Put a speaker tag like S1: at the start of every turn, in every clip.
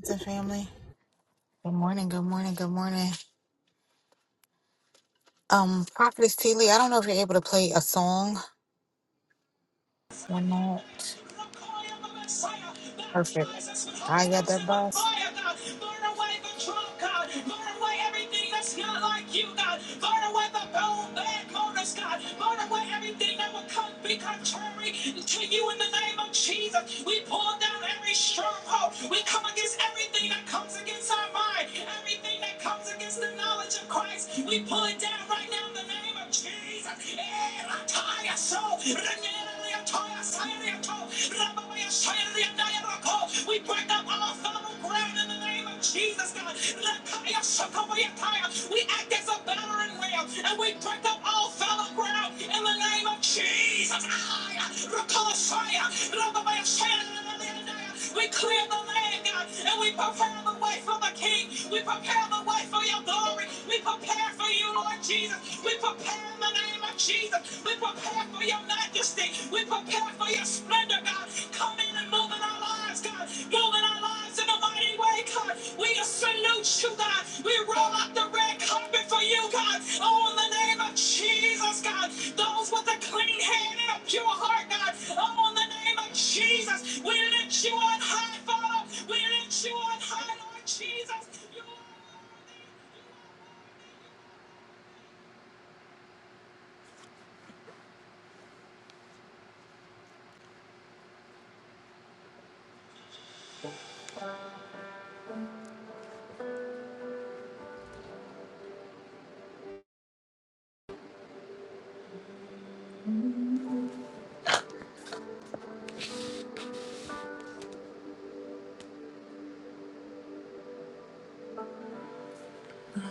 S1: What's up, family? Good morning, good morning, good morning. Um, Prophetess T. Lee, I don't know if you're able to play a song
S2: the
S1: or not.
S2: the Messiah,
S1: Perfect.
S2: Baptize us with with holy
S1: I got
S2: ghost
S1: that
S2: and with
S1: bus.
S2: fire, God. God. God. God. Burn Burn Burn Burn away away away away everything everything that's not like you, God. Burn away the old bad motives, God. Burn away everything that would come be contrary To you in the name of Jesus, we pull down every stronghold. We come against everything that comes against our mind, everything that comes against the knowledge of Christ. We pull it down right now in the name of Jesus name of Jesus. Eh, rataya so, renyera liatoya, sayariato, rababaya, sayariadaya rako. We break up all fallow ground in the name of Jesus, God. Rataya, shokobayataya. We act as a battering ram and we break up all fallow ground in the name of Jesus. Ay, rakosaya, rababaya, sayariadaya. We clear the land, God, and we prepare the way for the King. We prepare the way for your glory. We prepare for you, Lord Jesus. We prepare in the name of Jesus. We prepare for your majesty. We prepare for your splendor, God. Come in and move in our lives. God. Move our lives in a mighty way, God. We salute you, God. We roll out the red carpet for you, God. Oh, in the name of Jesus, God. Those with a clean hand and a pure heart, God. Oh, in the name of Jesus, we lift you on high, Father. We lift you on high, Lord Jesus. You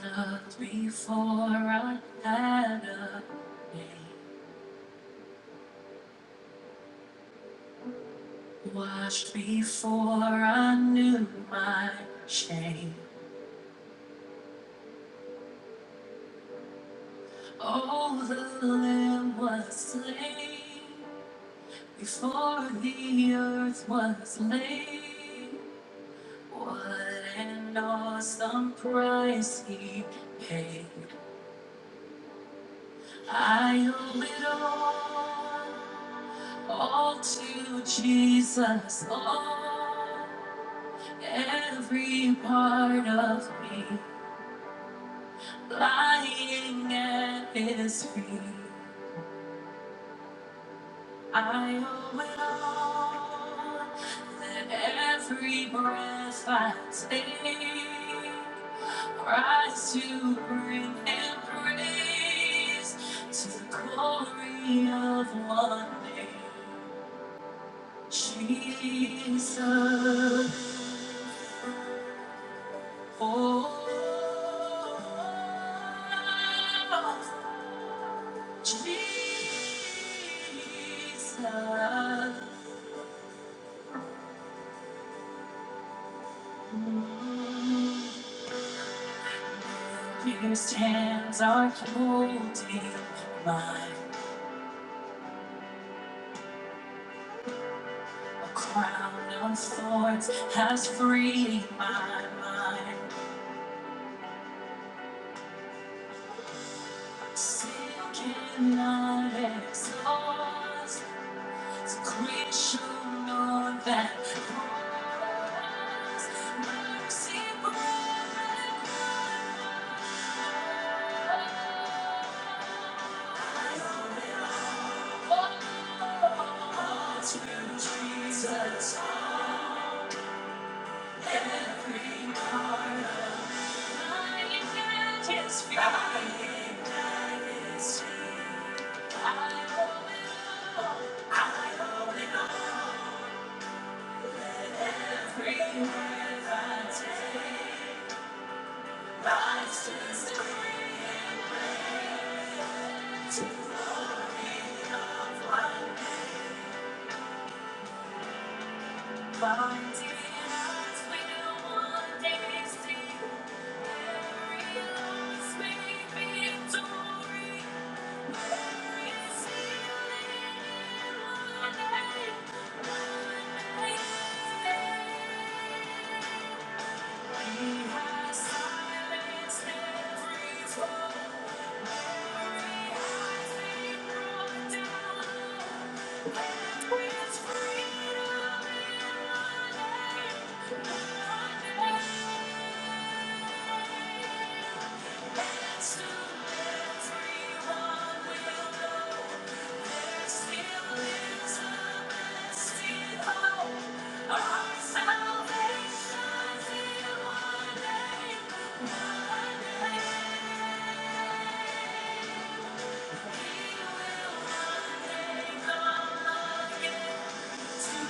S2: Loved before I had a washed before I knew my shame. Oh, the Lamb was slain before the earth was laid. What an awesome price he paid. I owe it all, all to Jesus, all, every part of me lying at his feet. I owe it all. that every breath I take rise to bring Him praise to the glory of one name, Jesus. Oh, Jesus. Pierced hands are holding mine. A crown of thorns has freed my mind. Sin cannot exhaust. So grace should know that. cross. Mercy brought me to Jesus, oh, every heart. Thank you. in freedom in my name. Thank you. Jesus,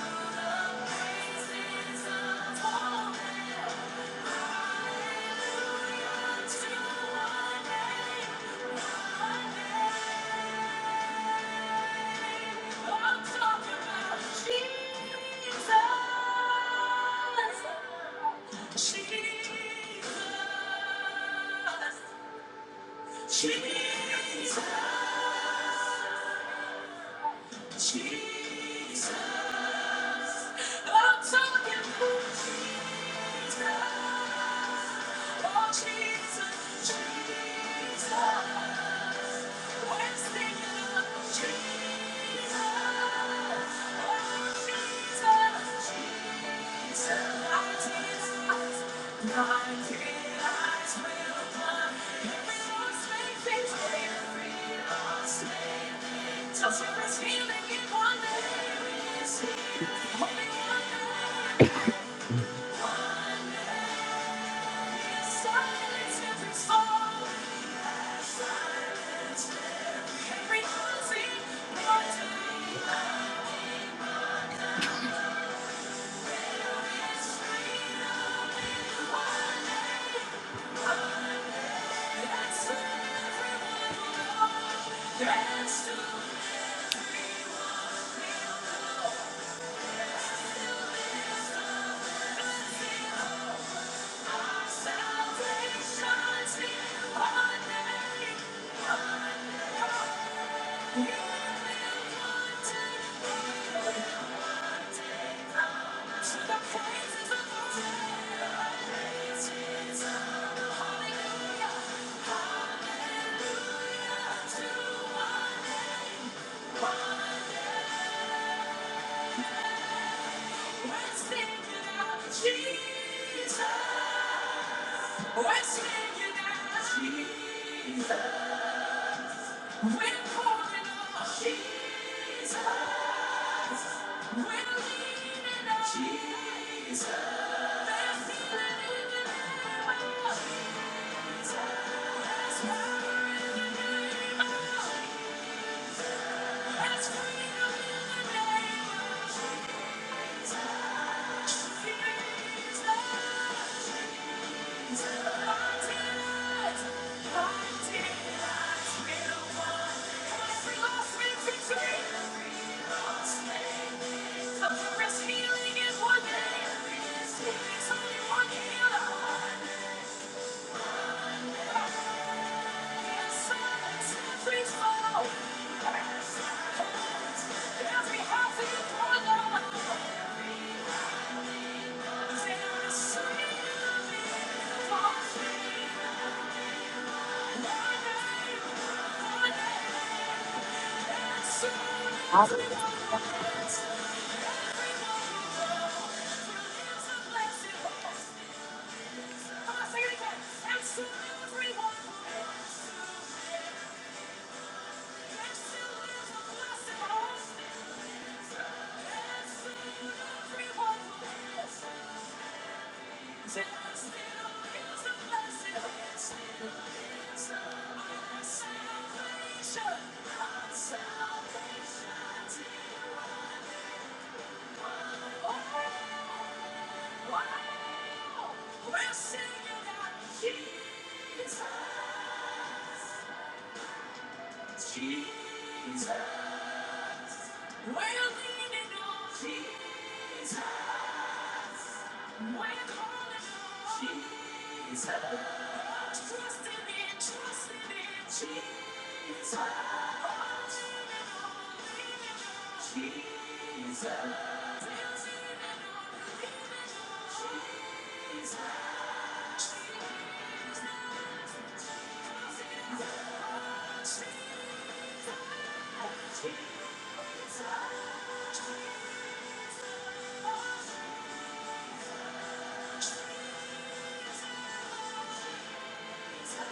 S2: Jesus, I'm talking about Jesus. Oh, Jesus, Jesus, we're singing of Jesus. Oh, Jesus, Jesus, our tears, my tears will come. Every lost may face, every lost may touch. There is healing in one name, is only one name, one name. Silence every soul. That's to feel our Salvation's been one day, one day. Come on. Jesus, we're singing out Jesus, we're pouring out Jesus. We're leaning on Jesus. Healing is one name. There's only one healer. Everyone Jesus. Jesus. We're leaning on Jesus. Jesus. Let's go.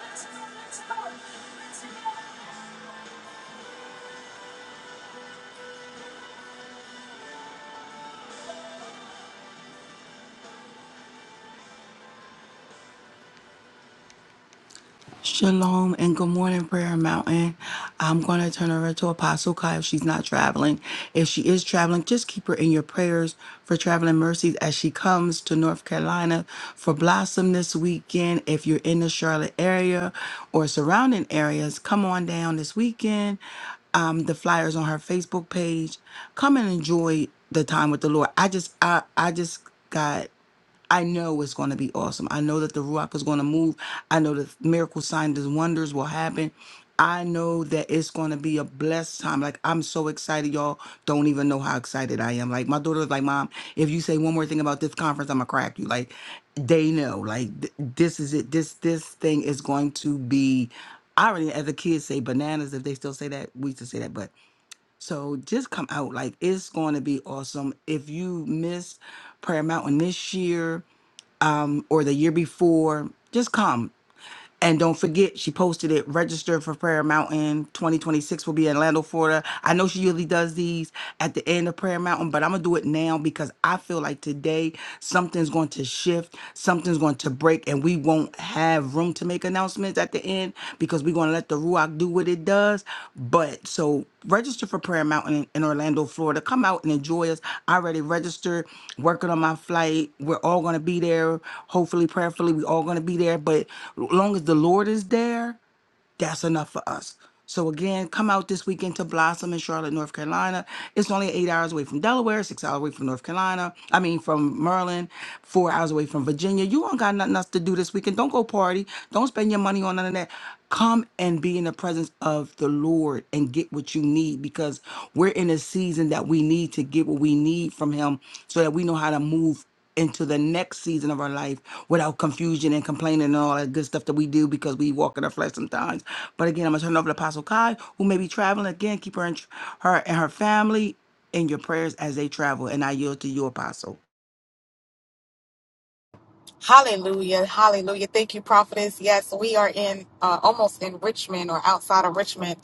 S2: let's go, let's go. Shalom and good morning, Prayer Mountain. I'm going to turn over to Apostle Kai if she's not traveling. If she is traveling, just keep her in your prayers for traveling mercies as she comes to North Carolina for Blossom this weekend. If you're in the Charlotte area or surrounding areas, come on down this weekend. Um, the flyers on her Facebook page. Come and enjoy the time with the Lord. I just, I, I just. got. I know it's going to be awesome. I know that the Ruach is going to move. I know that miracle signs and wonders will happen. I know that it's going to be a blessed time. Like, I'm so excited. Y'all don't even know how excited I am. Like, my daughter was like, Mom, if you say one more thing about this conference, I'm going to crack you. Like, they know. Like, th- this is it. This, this thing is going to be, I already, as the kids say, bananas. If they still say that, we used to say that. But so just come out. Like, it's going to be awesome. If you miss Prayer Mountain this year, um, or the year before, just come. And don't forget, she posted it. Register for Prayer Mountain 2026 will be in Orlando, Florida. I know she usually does these at the end of Prayer Mountain, but I'm gonna do it now because I feel like today something's going to shift, something's going to break, and we won't have room to make announcements at the end because we're gonna let the Ruach do what it does. But so register for Prayer Mountain in, Orlando, Florida. Come out and enjoy us. I already registered, working on my flight. We're all gonna be there. Hopefully, prayerfully, we all gonna be there. But long as the Lord is there, that's enough for us. So again, come out this weekend to Blossom in Charlotte, North Carolina. It's only eight hours away from Delaware, six hours away from North Carolina. I mean, from Maryland, four hours away from Virginia. You don't got nothing else to do this weekend. Don't go party. Don't spend your money on none of that. Come and be in the presence of the Lord and get what you need because we're in a season that we need to get what we need from Him so that we know how to move into the next season of our life without confusion and complaining and all that good stuff that we do because we walk in our flesh sometimes. But again, I'm gonna turn it over to Apostle Kai, who may be traveling again. Keep her and her and her family in your prayers as they travel. And I yield to you, Apostle.
S1: Hallelujah. Hallelujah. Thank you, prophetess. Yes, we are in uh, almost in Richmond or outside of Richmond.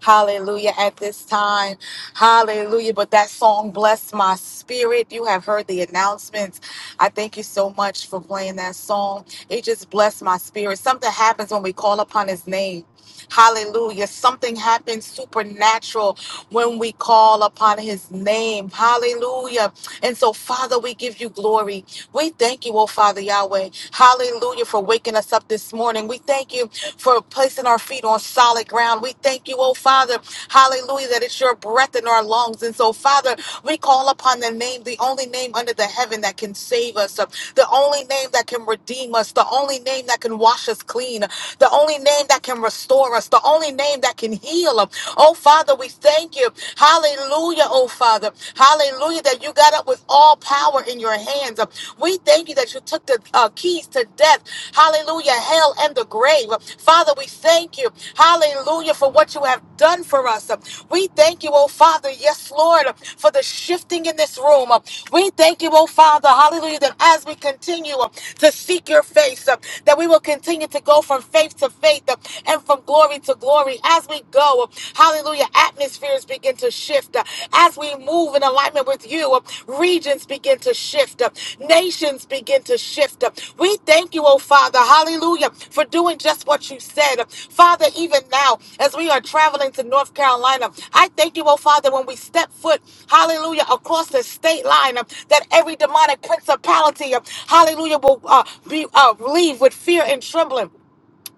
S1: Hallelujah at this time. Hallelujah. But that song blessed my spirit. You have heard the announcements. I thank you so much for playing that song. It just blessed my spirit. Something happens when we call upon his name. Hallelujah. Something happens supernatural when we call upon his name. Hallelujah. And so, Father, we give you glory. We thank you, oh Father Yahweh. Hallelujah for waking us up this morning. We thank you for placing our feet on solid ground. We thank you, oh Father. Hallelujah that it's your breath in our lungs. And so, Father, we call upon the name, the only name under the heaven that can save us, uh, the only name that can redeem us, the only name that can wash us clean, the only name that can restore us, the only name that can heal. uh, Oh Father, we thank you. Hallelujah, oh Father. Hallelujah that you got up with all power in your hands. uh, we thank you that you took the uh, keys to death, hallelujah, hell and the grave. Father, we thank you, hallelujah, for what you have done for us. We thank you, oh Father, yes, Lord, for the shifting in this room. We thank you, oh Father, hallelujah, that as we continue to seek your face, that we will continue to go from faith to faith uh, and from glory to glory as we go. Hallelujah. Atmospheres begin to shift uh, as we move in alignment with you. uh, Regions begin to shift. uh, Nations begin to shift. uh. We thank you, oh Father. Hallelujah. Hallelujah. For doing just what you said. Father, even now, as we are traveling to North Carolina, I thank you, oh Father, when we step foot, hallelujah, across the state line, uh, that every demonic principality, uh, hallelujah, will uh, be uh, leave with fear and trembling.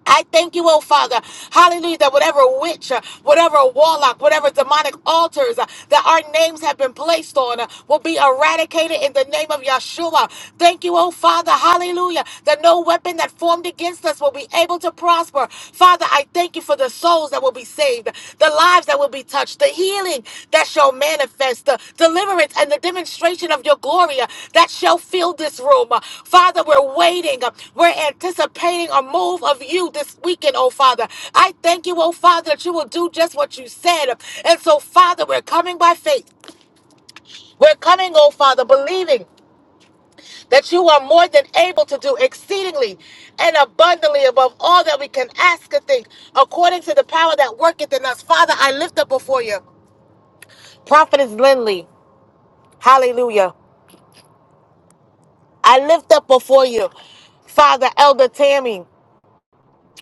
S1: I thank you, oh Father, hallelujah, that whatever witch, uh, whatever warlock, whatever demonic altars uh, that our names have been placed on uh, will be eradicated in the name of Yeshua. Thank you, oh Father, hallelujah, that no weapon that formed against us will be able to prosper. Father, I thank you for the souls that will be saved the lives that will be touched, the healing that shall manifest, the deliverance and the demonstration of your glory uh, that shall fill this room. Uh, Father, we're waiting. uh, We're anticipating a move of you this weekend, oh Father. I thank you, oh Father, that you will do just what you said. And so, Father, we're coming by faith. We're coming, oh Father, believing that you are more than able to do exceedingly and abundantly above all that we can ask or think, according to the power that worketh in us. Father, I lift up before you. Prophetess Lindley, hallelujah. I lift up before you, Father Elder Tammy.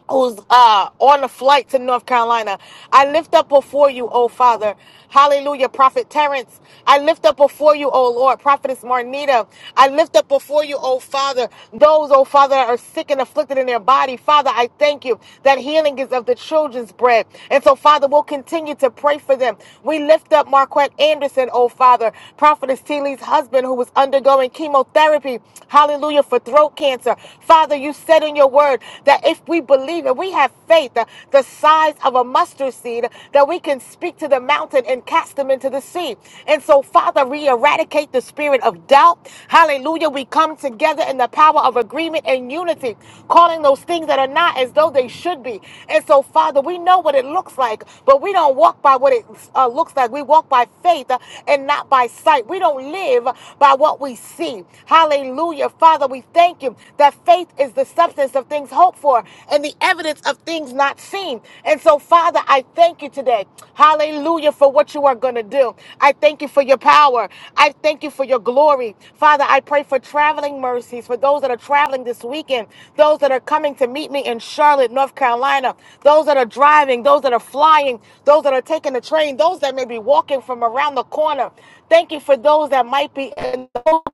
S1: who's uh, on a flight to North Carolina. I lift up before you, oh Father. Hallelujah, Prophet Terrence. I lift up before you, oh Lord, Prophetess Marnita. I lift up before you, oh Father, those, oh Father, that are sick and afflicted in their body. Father, I thank you that healing is of the children's bread. And so, Father, we'll continue to pray for them. We lift up Marquette Anderson, oh Father, Prophetess Teeley's husband who was undergoing chemotherapy. Hallelujah, for throat cancer. Father, you said in your word that if we believe and we have faith uh, the size of a mustard seed, that we can speak to the mountain and cast them into the sea. And so, Father, we eradicate the spirit of doubt. Hallelujah. We come together in the power of agreement and unity, calling those things that are not as though they should be. And so, Father, we know what it looks like, but we don't walk by what it uh, looks like. We walk by faith uh, and not by sight. We don't live by what we see. Hallelujah. Father, Father, we thank you that faith is the substance of things hoped for and the evidence of things not seen. And so, Father, I thank you today. Hallelujah for what you are going to do. I thank you for your power. I thank you for your glory. Father, I pray for traveling mercies for those that are traveling this weekend, those that are coming to meet me in Charlotte, North Carolina, those that are driving, those that are flying, those that are taking the train, those that may be walking from around the corner. Thank you for those that might be in the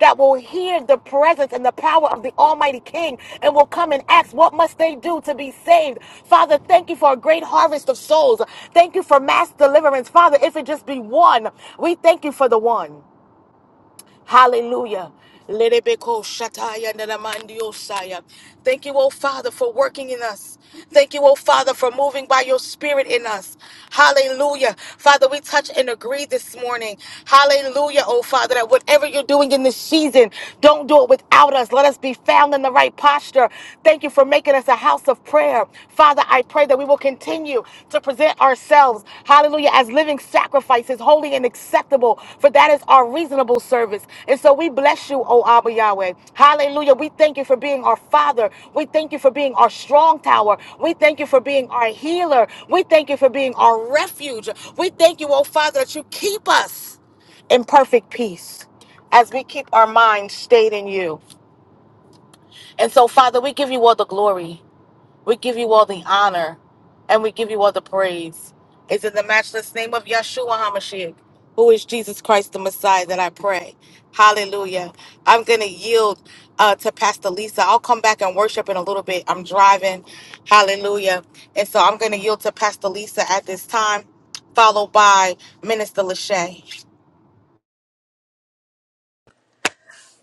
S1: that will hear the presence and the power of the Almighty King and will come and ask, What must they do to be saved? Father, thank you for a great harvest of souls. Thank you for mass deliverance. Father, if it just be one, we thank you for the one. Hallelujah. Lerebeko shataya nanamandiosaya. Thank you, oh Father, for working in us. Thank you, oh Father, for moving by your spirit in us. Hallelujah. Father, we touch and agree this morning. Hallelujah, oh Father, that whatever you're doing in this season, don't do it without us. Let us be found in the right posture. Thank you for making us a house of prayer. Father, I pray that we will continue to present ourselves, hallelujah, as living sacrifices, holy and acceptable, for that is our reasonable service. And so we bless you, O Abba Yahweh. Hallelujah. We thank you for being our Father. We thank you for being our strong tower. We thank you for being our healer. We thank you for being our refuge. We thank you, O Father, that you keep us in perfect peace as we keep our minds stayed in you. And so, Father, we give you all the glory. We give you all the honor and we give you all the praise. It's in the matchless name of Yeshua HaMashiach, who is Jesus Christ the Messiah, that I pray. Hallelujah. I'm going to yield uh, to Pastor Lisa. I'll come back and worship in a little bit. I'm driving. Hallelujah. And so I'm going to yield to Pastor Lisa at this time, followed by Minister Lachey.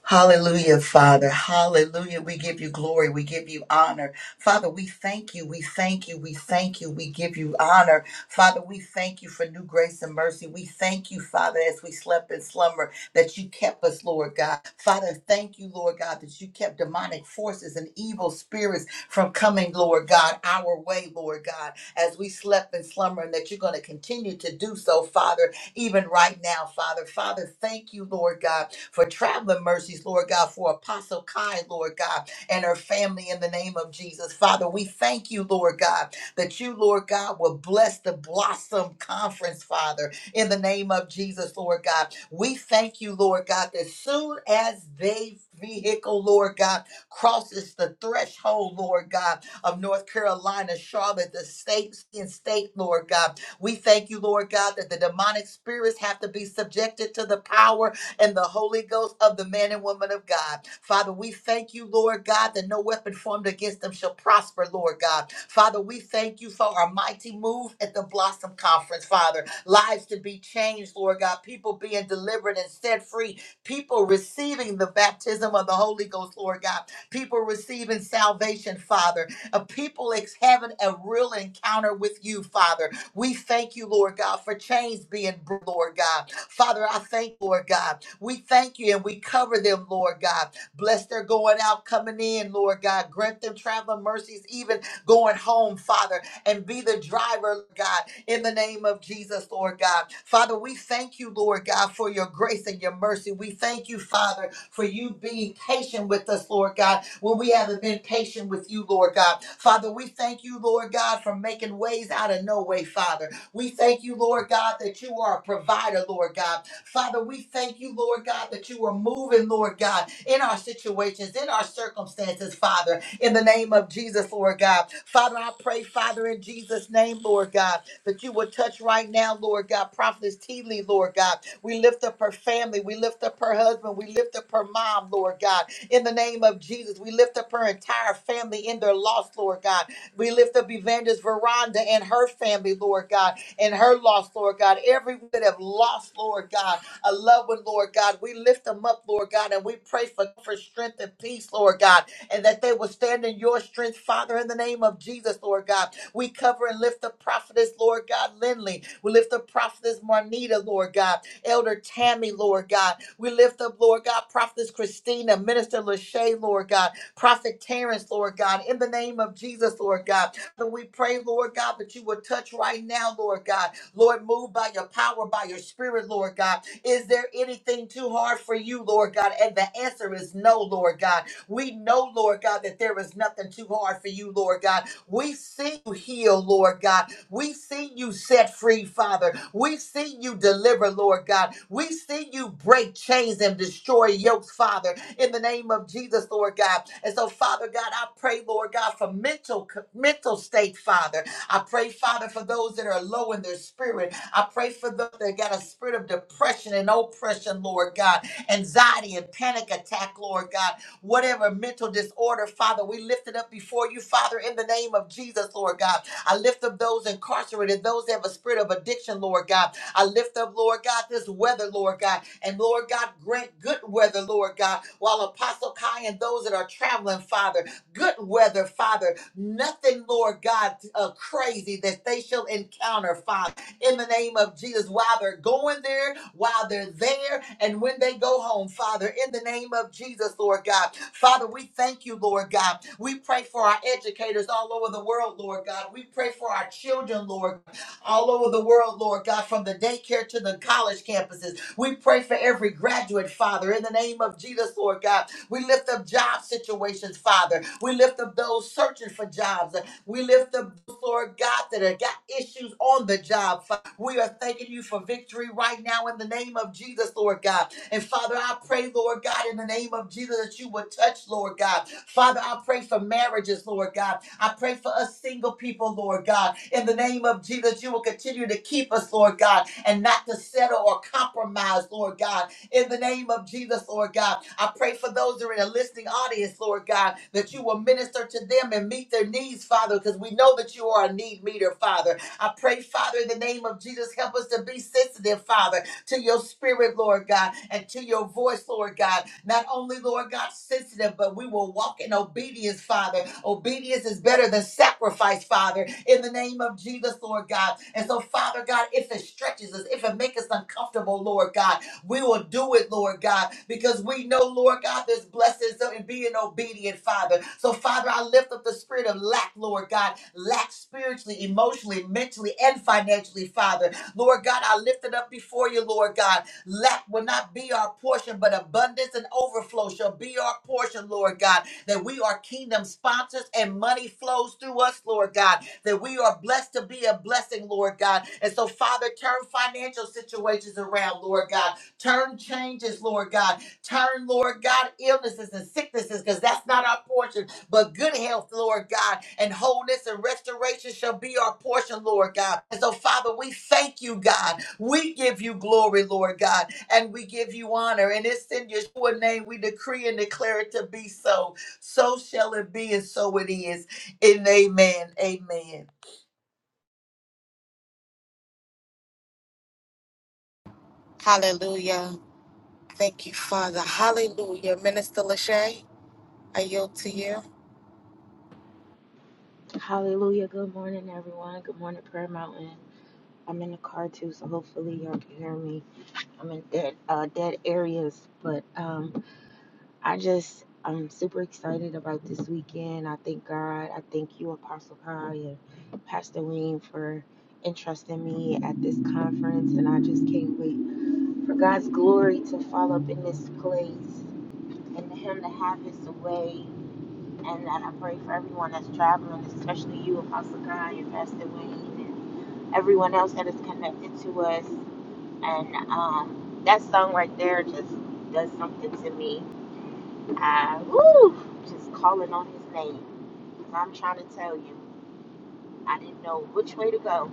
S3: Hallelujah, Father. Hallelujah. We give you glory. We give you honor. Father, we thank you. We thank you. We thank you. We give you honor. Father, we thank you for new grace and mercy. We thank you, Father, as we slept in slumber, that you kept us, Lord God. Father, thank you, Lord God, that you kept demonic forces and evil spirits from coming, Lord God, our way, Lord God, as we slept in slumber, and that you're going to continue to do so, Father even right now, Father. Father, thank you, Lord God, for traveling mercies, Lord God, for Apostle Kai, Lord God, and her family in the name of Jesus. Father, we thank you, Lord God, that you, Lord God, will bless the Blossom Conference, Father, in the name of Jesus, Lord God. We thank you, Lord God, that soon as they vehicle, Lord God, crosses the threshold, Lord God, of North Carolina, Charlotte, the state and state, Lord God. We thank you, Lord God, that the demonic spirits have to be subjected to the power and the Holy Ghost of the man and woman of God. Father, we thank you, Lord God, that no weapon formed against them shall prosper, Lord God. Father, we thank you for our mighty move at the Blossom Conference, Father. Lives to be changed, Lord God. People being delivered and set free. People receiving the baptism of the Holy Ghost, Lord God. People receiving salvation, Father. A people ex- having a real encounter with you, Father. We thank you, Lord God, for chains being, bro- Lord God. Father, I thank, you, Lord God. We thank you and we cover them, Lord God. Bless their going out, coming in, Lord God. Grant them traveling mercies, even going home, Father and be the driver, God, in the name of Jesus, Lord God. Father, we thank you, Lord God, for your grace and your mercy. We thank you, Father, for you being patient with us, Lord God, when we haven't been patient with you, Lord God. Father, we thank you, Lord God, for making ways out of no way, Father. We thank you, Lord God, that you are a provider, Lord God. Father, we thank you, Lord God, that you are moving, Lord God, in our situations, in our circumstances, Father in the name of Jesus, Lord God. Father, I pray, Father, in Jesus' name, Lord God, that you would touch right now, Lord God, Prophetess T. Lee, Lord God. We lift up her family. We lift up her husband. We lift up her mom, Lord God. In the name of Jesus, we lift up her entire family in their loss, Lord God. We lift up Evangelist Veranda and her family, Lord God, and her loss, Lord God. Everyone that have lost, Lord God, a loved one, Lord God. We lift them up, Lord God, and we pray for, for strength and peace, Lord God and that they will stand in your strength, Father, in the name of Jesus, Lord God. We cover and lift the prophetess, Lord God, Lindley. We lift the prophetess, Marnita, Lord God. Elder Tammy, Lord God. We lift up, Lord God, prophetess Christina, Minister Lachey, Lord God. Prophet Terrence, Lord God. In the name of Jesus, Lord God. But we pray, Lord God, that you would touch right now, Lord God. Lord, move by your power, by your spirit, Lord God. Is there anything too hard for you, Lord God? And the answer is no, Lord God. We know, Lord God, that there is nothing too hard for you, Lord God. We see you heal, Lord God. We see you set free, Father. We see you deliver, Lord God. We see you break chains and destroy yokes, Father, in the name of Jesus, Lord God. And so, Father God, I pray, Lord God, for mental mental state, Father. I pray, Father, for those that are low in their spirit. I pray for those that got a spirit of depression and oppression, Lord God, anxiety and panic attack, Lord God whatever mental disorder, Father. We lift it up before you, Father, in the name of Jesus, Lord God. I lift up those incarcerated, those that have a spirit of addiction, Lord God. I lift up, Lord God, this weather, Lord God. And Lord God, grant good weather, Lord God, while Apostle Kai and those that are traveling, Father, good weather, Father. Nothing, Lord God, uh, crazy that they shall encounter, Father in the name of Jesus while they're going there, while they're there, and when they go home, Father, in the name of Jesus, Lord God. Father, we thank you, Lord God. We pray for our educators all over the world, Lord God. We pray for our children, Lord, all over the world, Lord God, from the daycare to the college campuses. We pray for every graduate, Father, in the name of Jesus, Lord God. We lift up job situations, Father. We lift up those searching for jobs. We lift up, Lord God, that have got issues on the job. Fa- We are thanking you for victory right now in the name of Jesus, Lord God. And Father, I pray, Lord God, in the name of Jesus, that you would touch, Lord God. Father, I pray for marriages, Lord God. I pray for us single people, Lord God. In the name of Jesus, you will continue to keep us, Lord God, and not to settle or compromise, Lord God in the name of Jesus, Lord God. I pray for those that are in a listening audience, Lord God, that you will minister to them and meet their needs, Father, because we know that you are a need meter, Father. I pray, Father, in the name of Jesus, help us to be sensitive, Father, to your spirit, Lord God, and to your voice, Lord God. Not only, Lord God, sensitive, but we will walk in obedience, Father. Obedience is better than sacrifice, Father, in the name of Jesus, Lord God. And so, Father God, if it stretches us, if it makes us uncomfortable, Lord God, we will do it, Lord God, because we know, Lord God, there's blessings in being obedient, Father. So, Father, I lift up the spirit of lack, Lord God, lack spiritually, emotionally, mentally, and financially, Father. Lord God, I lift it up before you, Lord God. Lack will not be our portion, but abundance and overflow shall be our portion, Lord God. That we are kingdom sponsors and money flows through us, Lord God. That we are blessed to be a blessing, Lord God. And so, Father, turn financial situations around, Lord God. Turn changes, Lord God. Turn, Lord God, illnesses and sicknesses, because that's not our portion, but good health, Lord God, and wholeness and restoration shall be our portion, Lord God. And so, Father, we thank you, God. We give you glory, Lord God, and we give you honor. And it's in your name we decree and declare it to be so. So shall it be, and so it is. And amen. Amen.
S1: Hallelujah. Thank you, Father. Hallelujah. Minister Lachey, I yield to you.
S4: Hallelujah. Good morning, everyone. Good morning, Prayer Mountain. I'm in the car too, so hopefully y'all can hear me. I'm in dead uh, dead areas, but um, I just I'm super excited about this weekend. I thank God. I thank you, Apostle Kai and Pastor Wayne, for entrusting me at this conference, and I just can't wait for God's glory to fall up in this place and for Him to have His way. And I pray for everyone that's traveling, especially you, Apostle Kai and Pastor Wayne, and everyone else that is connected to us. And um, that song right there just does something to me. I woo, just calling on his name. Because I'm trying to tell you, I didn't know which way to go.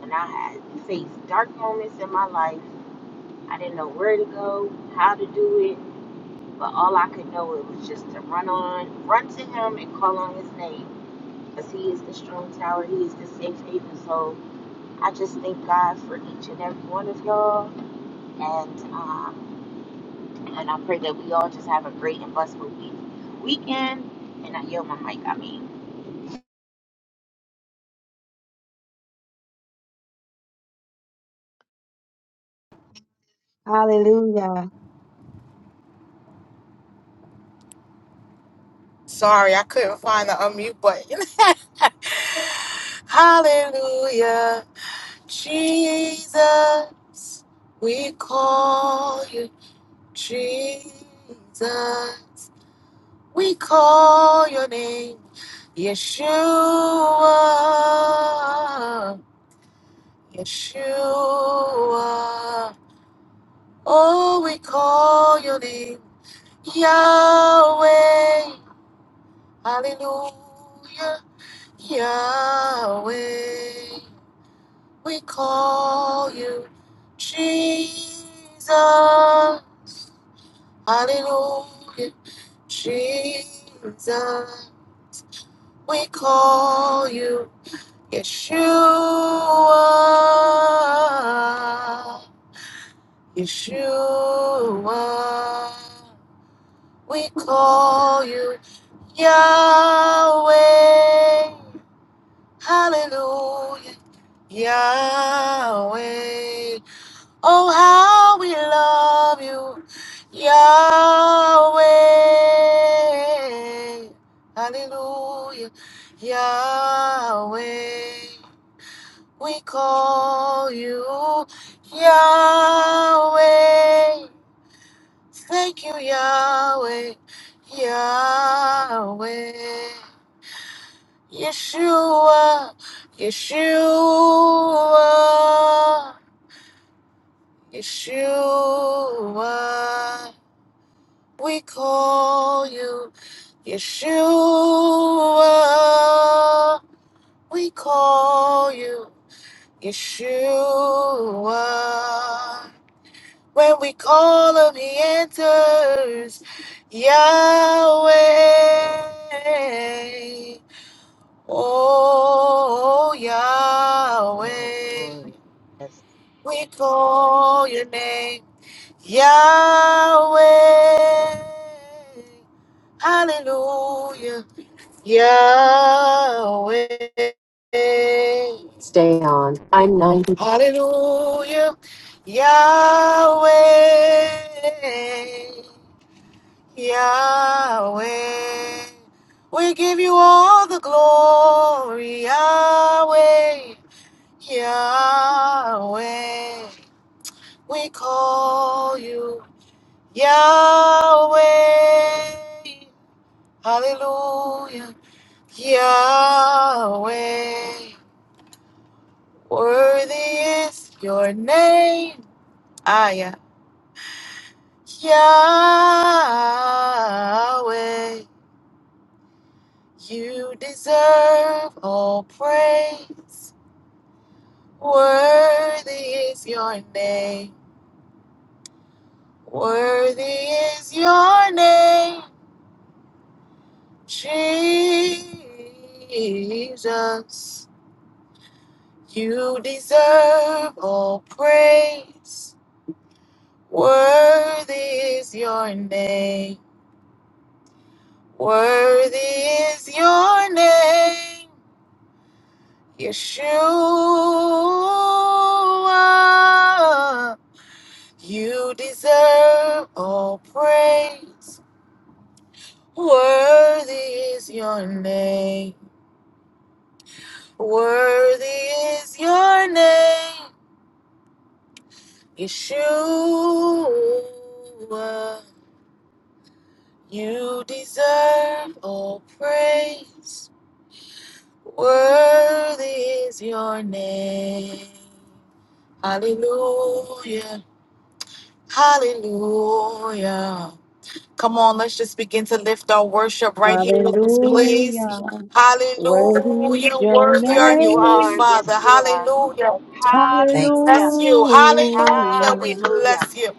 S4: And I had faced dark moments in my life. I didn't know where to go, how to do it. But all I could know it was just to run on, run to him and call on his name because he is the strong tower, he is the safe haven. So I just thank God for each and every one of y'all, and um, and I pray that we all just have a great and blessed week weekend. And I yield my mic. I mean,
S5: Hallelujah.
S1: Sorry, I couldn't find the unmute button. Hallelujah, Jesus. We call you Jesus. We call your name Yeshua. Yeshua. Oh, we call your name Yahweh. Hallelujah. Yahweh, we call you Jesus. Hallelujah. Jesus, we call you Yeshua. Yeshua, we call you Yahweh. Hallelujah. Yahweh. Oh, how we love you, Yahweh. Hallelujah, Yahweh. We call you Yahweh. Thank you, Yahweh, Yahweh. Yeshua, Yeshua, Yeshua. We call you Yeshua. We call you Yeshua. When we call him, he answers Yahweh. Oh, Yahweh.
S4: glory, glory. Yes,
S1: We call your name Yahweh. Hallelujah. Yahweh. Hallelujah. Yahweh. Yahweh. We give you all the glory. Yahweh. Yahweh. We call you Yahweh. Hallelujah. Yahweh. Worthy is your name. Ah, yeah. Yahweh, you deserve all praise. Worthy is your name. Worthy is your name, Jesus. You deserve all praise. Worthy is your name. Worthy is your name, Yeshua. You deserve all praise. Worthy is your name. Worthy is your name, Yeshua. You deserve all praise. Worthy is your name. Hallelujah. Hallelujah. Come on, let's just begin to lift our worship right here in this place.
S5: Hallelujah. Worthy is
S1: Hallelujah.
S5: your
S1: Worthy
S4: yes,
S1: are you,
S4: you
S1: O
S4: are.
S5: name.
S1: Father.
S4: Yes, you are.
S1: Hallelujah.
S3: Thank you.
S4: Hallelujah.
S1: Bless you. Hallelujah. We
S5: Hallelujah.
S4: Hallelujah.
S1: bless you.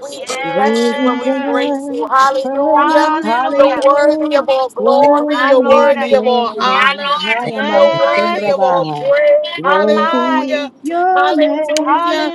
S1: We bless
S5: You
S1: you and we
S4: Yes.
S1: praise you.
S5: deserve the
S1: Hallelujah.
S5: praise.
S1: You're
S4: Hallelujah.
S1: worthy
S5: Hallelujah.
S1: of all
S3: Thank you.
S1: glory.
S4: My
S5: Worthy
S1: You're
S4: Lord,
S5: is
S4: I
S1: worthy of
S4: thank
S5: your
S1: all
S4: you.
S1: honor.
S5: name.
S3: Thank
S1: You're
S3: you. Thank you.
S4: Yes.
S1: worthy of all
S5: Hayamansurabai.
S1: praise.
S4: My
S5: Worthy
S4: mind.
S5: is
S1: Hallelujah.
S5: your name.
S1: Hallelujah.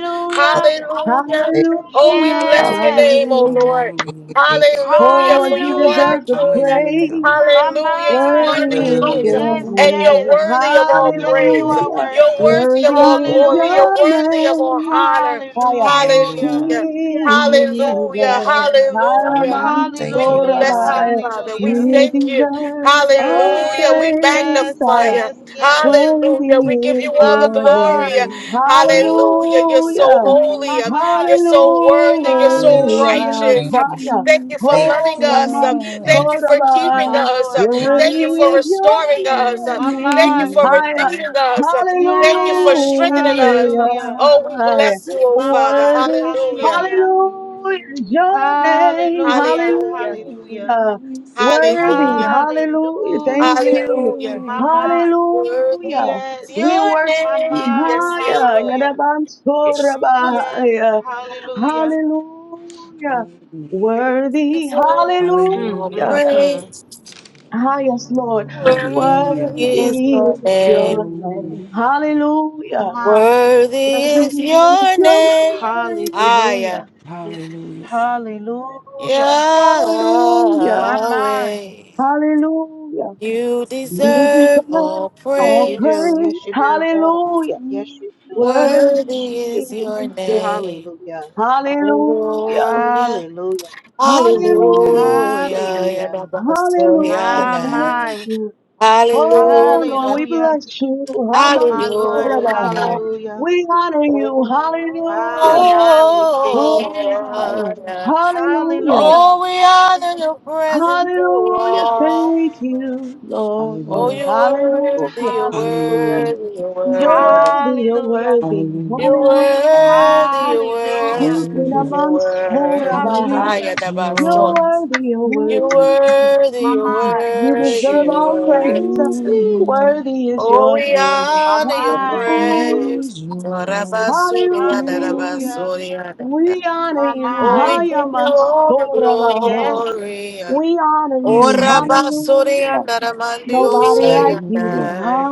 S3: Thank you.
S1: Hallelujah.
S3: Thank you.
S1: Oh, we
S5: Hallelujah.
S1: bless your
S4: Yes.
S1: name, oh
S5: Hallelujah.
S1: Lord.
S2: Hallelujah.
S3: Hallelujah.
S5: Oh
S1: Hallelujah.
S5: Lord,
S1: For
S5: you
S1: you are the
S4: Hallelujah.
S5: deserve the
S1: King.
S2: Hallelujah.
S5: praise.
S4: My
S1: Hallelujah. You
S4: mind.
S1: are the
S5: Worthy
S4: Yes,
S5: is
S3: Hallelujah.
S5: your
S2: Hallelujah.
S4: yes,
S1: King. And you're
S4: yes.
S5: name.
S1: worthy of all
S4: Yes, you
S2: Hallelujah.
S1: praise.
S3: Thank you,
S4: are
S5: Hallelujah.
S1: You're
S4: worthy.
S3: Father. Thank you, Father.
S1: worthy of
S5: Worthy
S1: all
S3: Lord,
S5: is
S1: glory.
S4: Hallelujah.
S1: You're
S5: your
S1: worthy of all
S5: name.
S1: honor.
S5: Higher.
S2: Hallelujah.
S4: Hallelujah.
S1: Hallelujah.
S4: Yes, yes,
S5: Jesus.
S1: Hallelujah.
S4: yes.
S1: Hallelujah.
S5: Hallelujah.
S2: What
S1: We
S3: thank
S2: is
S3: you.
S4: Hallelujah.
S1: bless
S2: your
S1: you,
S5: Korabai.
S1: Father. We
S4: Hallelujah.
S5: You
S2: name?
S1: thank you.
S5: deserve
S4: Yes,
S5: all
S1: Hallelujah. We
S5: praise.
S4: yes,
S1: magnify
S5: Higher.
S1: you.
S4: yes,
S2: Jesus?
S4: yes.
S1: Hallelujah.
S5: Worthy
S3: Thank
S1: We give you
S5: is
S1: all
S4: My
S1: the
S5: your
S1: glory.
S2: You
S4: mind.
S5: name.
S4: Woo,
S1: Hallelujah. You're so
S5: Hallelujah.
S1: holy.
S4: my
S2: make
S4: mind.
S1: You're
S5: Hallelujah.
S1: so worthy. You're
S3: you.
S1: so
S4: Hallelujah.
S1: righteous.
S3: Thank
S5: Hallelujah.
S1: Thank
S2: you
S1: you for
S3: thank you.
S1: loving
S5: Oh,
S1: us.
S5: Raman
S1: Thank
S2: fly
S3: Thank
S1: you
S3: you.
S1: for keeping
S4: My
S5: Sorabai.
S1: us.
S4: Lord.
S2: for
S1: Thank
S5: Worthy
S1: you for
S4: Hallelujah.
S5: is
S1: restoring us.
S5: your
S4: My
S1: Thank you
S5: name.
S4: mind.
S1: for
S5: Higher.
S1: redeeming
S2: your
S1: us. Thank you for
S4: Yes.
S1: strengthening us.
S5: Hallelujah.
S4: Hallelujah.
S1: Oh, we bless you, oh
S4: My
S1: Father.
S4: mind,
S5: Worthy.
S2: your
S1: Hallelujah.
S4: hallelujah,
S5: Hallelujah is your name.
S4: hallelujah,
S1: Hallelujah.
S4: hallelujah,
S5: Hallelujah. Worthy.
S1: Hallelujah.
S5: Hallelujah. Thank
S4: hallelujah.
S5: you.
S1: Hallelujah.
S4: My
S2: name.
S4: mind,
S5: Hallelujah.
S1: Worthy is
S4: yes,
S5: We
S1: your
S5: worship.
S4: my
S1: name.
S4: mind,
S1: Yes,
S5: Haya,
S1: Lord.
S4: hallelujah, yes,
S5: Yadabansorabahaya.
S4: hallelujah.
S5: Hallelujah.
S2: Hallelujah.
S5: Worthy,
S1: It's
S4: Mm,
S1: Oh,
S2: Hallelujah.
S5: hallelujah.
S4: mm, mm.
S1: praise
S5: Highest Lord,
S1: worthy
S2: Hallelujah.
S1: is
S5: worthy
S1: your
S5: is
S1: name.
S5: your name.
S4: My
S5: Hallelujah.
S4: mind,
S1: Worthy
S5: Worthy
S1: is
S5: is
S1: your
S5: your
S1: name.
S5: name.
S1: Aya.
S4: hallelujah, hallelujah.
S5: Hallelujah.
S4: My mind,
S1: Yahweh.
S5: Hallelujah.
S1: You
S5: You
S1: deserve
S5: deserve
S1: all
S4: yes,
S5: all
S4: you do,
S1: praise.
S4: yes,
S5: praise.
S4: you do,
S5: Hallelujah.
S4: yes, you do.
S5: Worthy
S1: Worthy is your
S5: is your
S1: name.
S4: Hallelujah,
S5: Hallelujah.
S1: Hallelujah.
S4: hallelujah,
S1: Hallelujah.
S2: Hallelujah.
S5: Hallelujah.
S2: Hallelujah.
S4: hallelujah.
S5: Hallelujah.
S4: My
S1: Yadabasoyanaya.
S5: Thank
S4: my.
S5: you. Oh Lord,
S1: Hallelujah.
S5: we
S4: Hallelujah,
S5: bless you.
S4: my
S5: Hamas
S4: Lord,
S5: Rabbi.
S1: Hallelujah.
S4: hallelujah.
S5: We honor you.
S4: My,
S5: Hallelujah.
S4: my, we thank you.
S1: Oh,
S5: Oh Rabbi.
S1: yeah.
S5: Hallelujah.
S4: Hallelujah,
S1: Oh, we honor your presence,
S5: Hallelujah. Thank
S1: oh
S5: you,
S1: Lord. Oh,
S2: Hallelujah.
S5: Lord.
S1: you're worthy,
S5: Hallelujah.
S1: you're
S4: hallelujah,
S2: Hallelujah.
S1: worthy, you're
S5: You're
S1: worthy.
S5: worthy. You're
S4: hallelujah,
S5: worthy.
S2: Hallelujah.
S1: You're
S5: Hallelujah.
S1: worthy, you're
S4: hallelujah,
S5: You can
S1: worthy,
S2: Hallelujah.
S1: you're
S5: amongst
S1: worthy.
S2: Worthy
S5: Rabbi.
S1: I
S4: hallelujah.
S1: am
S2: is
S1: the
S5: You're
S2: your
S1: master.
S2: name. Yeshua.
S5: worthy. You're
S1: You're
S5: worthy.
S2: Worthy
S1: worthy,
S4: My
S1: you're
S4: mind,
S5: You deserve
S1: worthy, you're
S5: all praise.
S4: ooh,
S1: worthy.
S4: wee.
S5: Worthy is
S1: Oh,
S5: your
S1: we
S5: name.
S4: my
S1: honor your
S4: mind, we
S5: Hallelujah.
S4: do.
S1: praise.
S2: is your
S5: Hallelujah.
S2: name.
S4: Hallelujah,
S1: Orabasuriadarabasuriyada.
S5: We honor
S4: my
S5: you.
S1: Oh, we
S4: mind,
S1: give you all the
S5: Hayamansorabahai.
S4: yes,
S1: glory.
S5: We honor
S1: Oh,
S5: you.
S2: Yes, Lord.
S5: Hallelujah. Nobody like
S4: ooh,
S2: Hallelujah.
S5: you.
S1: Rabasuriandaramandiosayada.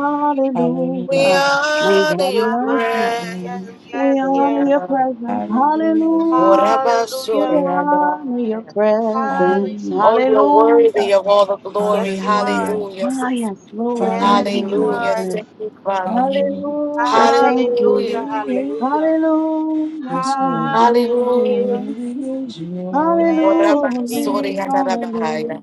S1: We
S2: Hallelujah.
S1: honor
S5: Nobody
S1: your
S4: my
S5: like you.
S4: mind,
S1: praise.
S4: yes,
S2: Hallelujah.
S5: We
S4: yes,
S5: honor
S4: yes.
S5: your presence.
S2: Hallelujah.
S5: Hallelujah. We
S4: Hallelujah,
S5: honor your
S1: Orabasuriadaya.
S5: presence.
S2: Hallelujah.
S1: Oh,
S4: hallelujah.
S1: you're
S5: Hallelujah.
S1: worthy of all the glory.
S4: Yes, you are.
S1: Hallelujah.
S5: Ah, yes, Lord. Thank
S4: Yes,
S5: you,
S4: you
S2: Hallelujah.
S1: Hallelujah.
S4: are.
S5: Father.
S1: Thank you, Father.
S2: Hallelujah.
S5: Hallelujah. Thank you.
S4: Hallelujah,
S1: Hallelujah.
S4: hallelujah,
S2: Hallelujah.
S5: Hallelujah.
S2: Yes, Lord. What
S4: hallelujah.
S5: Hallelujah.
S1: Hallelujah.
S2: is your
S4: Yes, we
S5: Hallelujah.
S4: thank you.
S2: name?
S1: Orabasuriadabahaya.
S5: Hallelujah.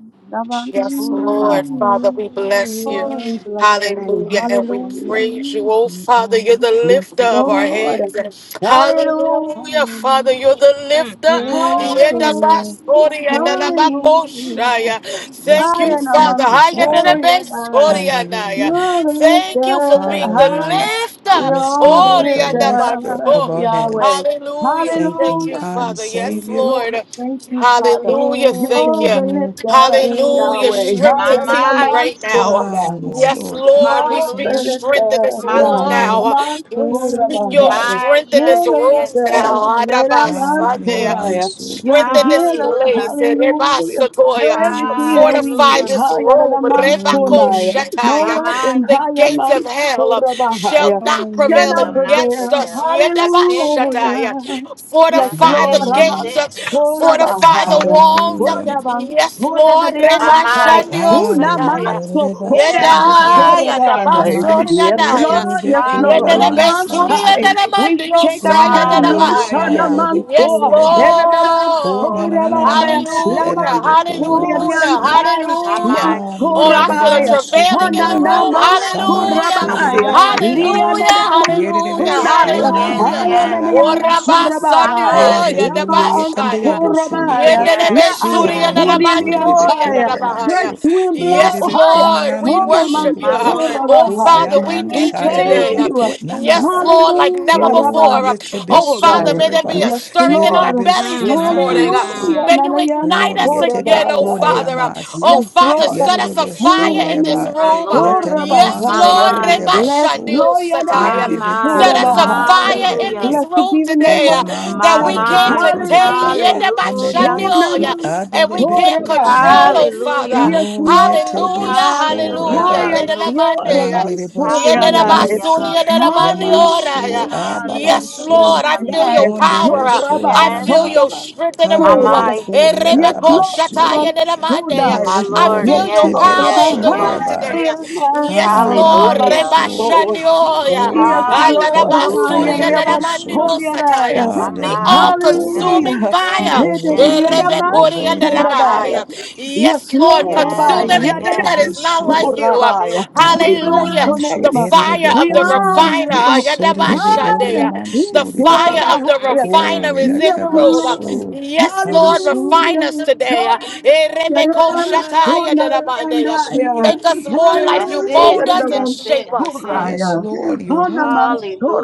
S1: Yes,
S5: Namansurama.
S1: Lord,
S2: Yeshua.
S1: Father, we bless you.
S5: Oh, we
S2: Worthy
S5: bless the name.
S1: Hallelujah. And we
S5: Hallelujah.
S1: praise you.
S2: is
S1: Oh,
S2: your
S1: Father, you're the
S5: Yes,
S1: lifter of our
S5: Lord.
S1: heads.
S2: name,
S5: Hallelujah.
S1: Hallelujah, Father,
S2: Hallelujah.
S1: you're the
S4: Mm,
S1: lifter.
S4: mm,
S2: You're the
S4: mm.
S2: Lord.
S5: Hallelujah.
S1: Yedabasoria
S2: praise.
S5: Hallelujah.
S1: dalabakoshaya.
S2: Yes,
S1: Thank
S5: I
S1: you,
S5: am
S2: Lord.
S5: a
S2: Thank
S1: Father.
S2: you, Father.
S5: man
S1: Hayadalabasoria.
S2: Hallelujah.
S5: You're the
S1: Thank
S5: lifter
S1: you for being the
S5: higher.
S2: Hallelujah.
S1: lifter.
S2: Yes,
S5: You're the
S2: Lord, the
S1: Oria
S2: lifter of
S5: lifter,
S1: dabaso.
S2: our
S5: Yahweh.
S2: heads.
S1: Hallelujah.
S2: Thank
S1: Thank
S2: you,
S1: you,
S5: Hallelujah.
S2: kind
S1: Father.
S5: Yes,
S1: Yes,
S2: Savior.
S5: Lord,
S1: Lord.
S5: thank you, Father.
S1: Hallelujah.
S2: Lord,
S1: Thank
S5: You're
S1: you.
S5: the
S2: the
S5: lifter,
S1: Hallelujah.
S5: Yahweh.
S1: Strength
S4: My,
S1: to
S2: lifter.
S5: Higher than the
S1: Tilly
S4: my,
S1: right
S5: mountains,
S1: now.
S2: Ah, yes,
S5: Korabah.
S1: Yes,
S2: Lord.
S1: Lord. We
S5: You're
S1: speak
S5: the
S2: You
S4: hallelujah.
S1: strength in
S5: lifter,
S1: this
S4: My
S2: will
S1: room
S5: Yah.
S4: Lord,
S1: now.
S5: Aman,
S1: We speak your
S5: Korabah.
S4: my,
S1: strength in this
S5: You're
S4: yes,
S5: the
S1: room
S4: yes,
S5: lifter,
S1: now.
S4: yes.
S1: Araba
S5: Yadaman,
S2: Ah, your
S5: Koraya.
S2: manso.
S5: You're
S1: Strength
S5: the
S1: in this
S5: healer,
S4: Hallelujah,
S1: place. Reba
S5: hallelujah. You're everything
S2: Hallelujah.
S5: that we need.
S1: Fortify
S4: hallelujah.
S1: this
S5: Higher than
S1: room.
S5: the mountains,
S1: Reba
S5: Koraya.
S2: Hallelujah.
S5: No
S4: My
S1: Shataya.
S5: weapon,
S4: mind
S1: The
S5: higher
S1: gates
S5: man,
S1: of hell
S5: Korabah.
S1: shall not prevail
S5: Cannot
S4: shall
S2: Hallelujah.
S4: not
S1: against
S5: prevail,
S1: us.
S4: prevail.
S1: Yedaba
S4: That's it,
S5: hallelujah. Yes,
S4: that's
S1: Fortify the
S5: Lord,
S4: it, that's
S5: Aman,
S2: Hallelujah.
S1: gates.
S4: it.
S5: Hora
S1: Fortify the
S5: Bahaya,
S1: walls.
S2: Hallelujah.
S5: Hora Bans,
S1: Yes,
S5: Hora
S1: Lord,
S5: Badeans,
S4: My
S1: Reba
S5: Hai,
S4: mind,
S1: Shandio
S5: Hula
S1: Sataya.
S2: Hallelujah.
S5: Maso,
S2: Reba
S5: Hora
S2: shiri
S5: Ans,
S4: yes, yes,
S1: Yeda,
S2: reba.
S5: Hora
S4: yes,
S1: Yada
S4: yes,
S5: Bahai.
S4: yes.
S1: Basuri
S5: Yes,
S2: Yamanso
S1: Yadaya.
S5: Lord,
S2: derebe
S5: yes, Lord,
S2: kur
S1: Yeda
S4: Hallelujah,
S1: Rebe
S5: Aman,
S2: Mansa,
S1: Suri
S5: Hai.
S2: derebe.
S1: Yada
S5: We
S1: Mandio
S5: shake
S1: Saya
S2: Sunda
S5: ourselves
S1: Yada
S5: loose,
S1: Baya.
S2: namansa
S4: hallelujah.
S5: Hanaman,
S2: derebe
S1: Yes,
S5: Soa,
S2: kur derebe.
S5: Everyone,
S2: Ho na
S1: Lord.
S2: na
S5: Hora
S2: na na
S5: Bahaya,
S2: namansi
S5: Laman,
S1: Hallelujah,
S2: derebe kur
S5: Hora
S1: hallelujah,
S5: Badeans,
S2: rebaso.
S5: Hai,
S4: My
S1: hallelujah.
S5: Man,
S4: mind.
S2: Ah,
S1: Oh,
S5: Hora
S1: I feel a
S2: yererebeban
S5: Bahaya,
S1: travailing in the
S5: Hanana,
S4: My
S2: sukondelaba
S1: room.
S5: Man,
S4: Lord,
S2: saman
S5: Hora
S1: Hallelujah,
S2: su
S4: come
S5: Bahaya,
S2: surerebe
S4: on.
S2: kuyaman
S5: Liana,
S1: hallelujah,
S2: yererebe
S1: hallelujah,
S4: Yes,
S5: Man,
S4: yes,
S2: sunaman
S1: hallelujah.
S5: Higher than the
S4: yes.
S2: alalaban su.
S4: My,
S5: Ansorabai,
S4: my.
S1: Orabasanioya de
S5: Laba
S2: Hallelujah. Ye
S1: Bashaya.
S2: kandelebo su
S5: Ansorabai,
S2: yeteba
S1: Yende de
S5: La
S4: Yes,
S1: Besuri and
S4: yes.
S1: the
S2: siyaralaman
S5: Ansorian
S2: surerebe
S1: Manioya de
S5: Ansaya,
S1: la
S2: kurraman
S5: fresh
S1: Bahaya.
S2: su.
S5: wind blow
S1: Yes,
S2: Yererebe
S5: higher.
S1: Lord, we
S2: onanaman
S5: Hora
S1: worship you.
S4: My
S2: surerebe
S4: Lord.
S1: Oh,
S5: Mansorabai.
S1: Father, we
S2: kuyaman
S5: We
S4: Yes,
S1: need you
S4: we
S5: thank
S1: today.
S4: do.
S2: sayarerebe
S5: you.
S1: Yes,
S2: kunanaraba.
S1: Lord, like never
S5: Hallelujah,
S1: before.
S2: Oh,
S5: Rabbi
S2: yetebe
S1: Oh, Father,
S5: Sorai.
S1: may there be
S2: surereba
S1: a
S5: Yes,
S1: stirring in our
S5: Lord.
S2: yererebe
S1: bellies
S4: Mm,
S1: this
S4: mm,
S1: morning.
S4: mm,
S2: sunaman su.
S5: Hallelujah,
S1: May
S4: mm.
S1: you
S5: Nanayan
S2: Oh,
S1: ignite us
S2: Oriete
S1: again, oh,
S2: bakone
S5: Sorabai.
S1: Father. Oh,
S2: namasi,
S5: Yes,
S1: Father,
S5: Lord.
S1: set
S2: yerere
S1: us a fire in
S2: besore
S1: this
S5: Hanaman
S2: ba,
S4: My
S1: room.
S4: Lord.
S2: yete na
S1: Yes,
S4: My,
S2: mansu
S5: Sorabai.
S1: Lord,
S4: my.
S2: kurire
S5: Bless
S2: baso,
S5: Lord,
S4: My,
S1: Rebashandiosataya.
S5: Nanayan
S2: harire be
S1: set
S4: my.
S2: kure
S1: us a
S5: Sorabai.
S2: mansi
S1: fire
S2: yerere
S1: in
S4: Hallelujah.
S1: this
S2: be,
S5: Blessed
S1: room
S5: be the name
S1: today
S5: of
S2: kote
S1: uh,
S5: the Lord.
S1: that
S4: My,
S2: mansa
S5: Uh,
S1: we
S2: yerere be
S1: can't
S4: my.
S1: contain
S2: kure de ba,
S5: Hallelujah.
S2: handere
S4: Hallelujah.
S5: Oh,
S2: be su
S5: Naman.
S1: and
S2: adere
S1: we
S2: be
S5: Oh,
S1: can't
S2: kure
S1: control,
S5: Rabbi.
S2: nama,
S1: oh Father.
S4: Hallelujah.
S5: Yes, Lord.
S2: oriete be
S1: Hallelujah,
S4: Hallelujah.
S2: sore
S1: hallelujah.
S2: ba,
S5: Highest
S4: Hallelujah.
S5: Lord
S1: Yedelabande,
S5: of
S1: yeah.
S5: us,
S2: andere
S5: holy
S2: basu
S5: and
S2: de
S5: I.
S2: de be
S4: Hallelujah.
S1: Yedelabasuri,
S2: ku,
S4: Hallelujah.
S1: yedelabande,
S5: Hallelujah,
S1: ora, yeah.
S2: yamansu
S1: Yes,
S4: Hallelujah.
S2: ababasu,
S1: Lord,
S5: hallelujah,
S1: I
S5: and
S1: feel
S5: I.
S1: your
S4: Hallelujah.
S2: onde
S5: Oh,
S1: power.
S2: be
S1: uh,
S2: su
S5: Rabba,
S2: na
S1: I
S2: na
S1: feel
S5: oh,
S2: ma.
S4: Yes.
S1: your
S5: Rabba,
S1: strength in the
S4: My,
S5: oh,
S1: room. uh.
S2: Hallelujah.
S5: Rabba.
S4: my.
S5: Yes,
S1: Erebeko
S5: Lord, Rabba, oh,
S1: yedelamande, yeah.
S5: die.
S4: My
S2: Yes,
S1: I
S2: Lord,
S4: Lord,
S5: Yes,
S1: feel your
S4: yes,
S5: Lord,
S2: yetebe
S1: power
S5: Rabba,
S1: in
S4: yes,
S1: the room
S4: yes.
S5: high
S2: soreba.
S1: today. uh.
S5: and I.
S2: Ah,
S1: Yes,
S2: na
S5: Oh,
S1: Lord.
S5: Rabba,
S4: Hallelujah.
S2: manso.
S5: oh.
S1: Rebashanioya.
S5: Yes,
S2: Oh,
S5: Lord, Rabba,
S2: koshatai
S5: yeah,
S4: Hallelujah.
S2: de be
S5: Rabba,
S1: Ananabasuri,
S2: so.
S5: holy and I.
S1: Sataya,
S4: My
S2: Father,
S1: the
S2: we
S4: mind,
S2: worthy.
S4: yes,
S1: all-consuming
S5: Hallelujah.
S2: You
S4: yes,
S1: fire.
S2: are
S5: Hey, hey, hey, hey,
S2: worthy.
S4: yes.
S2: You
S5: Rabba,
S2: are
S1: Erebekori and the
S5: oh,
S2: worthy.
S4: My
S5: Rabba.
S4: mind,
S1: Rabahaya.
S5: Yes,
S1: Yes, Lord,
S5: Lord, Rabbi.
S1: consume
S2: Hallelujah.
S4: yes,
S1: everything that
S5: Yadadam,
S4: yes.
S2: Yetebe
S1: is not like
S5: oh,
S2: so.
S1: you.
S4: That's
S5: Rabbi. yeah.
S4: it.
S2: Na
S5: We
S2: de na
S5: bless
S1: Hallelujah.
S5: your
S2: manso.
S1: The
S5: name. uh,
S1: fire
S2: Erebe
S5: We
S1: of the
S2: koreba
S5: honor
S2: man.
S1: refiner.
S5: you.
S2: Sorebe manso,
S5: Hallelujah.
S2: man.
S1: Yadabashadeya.
S5: Oh,
S1: The
S5: so,
S2: Sorebe.
S1: fire
S4: Mm,
S5: Rabbi.
S1: of the
S4: mm,
S5: yeah.
S4: mm.
S2: Oh,
S1: refiner is in
S5: Yes,
S1: the
S2: yateba
S1: room.
S5: Lord.
S2: so.
S1: Yes,
S2: And
S1: Lord, refine
S5: Hallelujah.
S1: us
S2: so.
S1: today.
S5: Hallelujah. Rabbi. Oh,
S1: Erebekoshataya
S2: Higher,
S1: Darabandeya.
S5: Nadadiandaya.
S1: Make us
S2: sweet
S1: more like you.
S4: That's it.
S5: Hallelujah.
S1: Mold us and
S5: Rabbi.
S2: perfume.
S4: That's
S1: shape
S4: it. That's
S1: us.
S4: it.
S2: Yes,
S5: Soraya.
S2: Lord, your
S5: Hanaman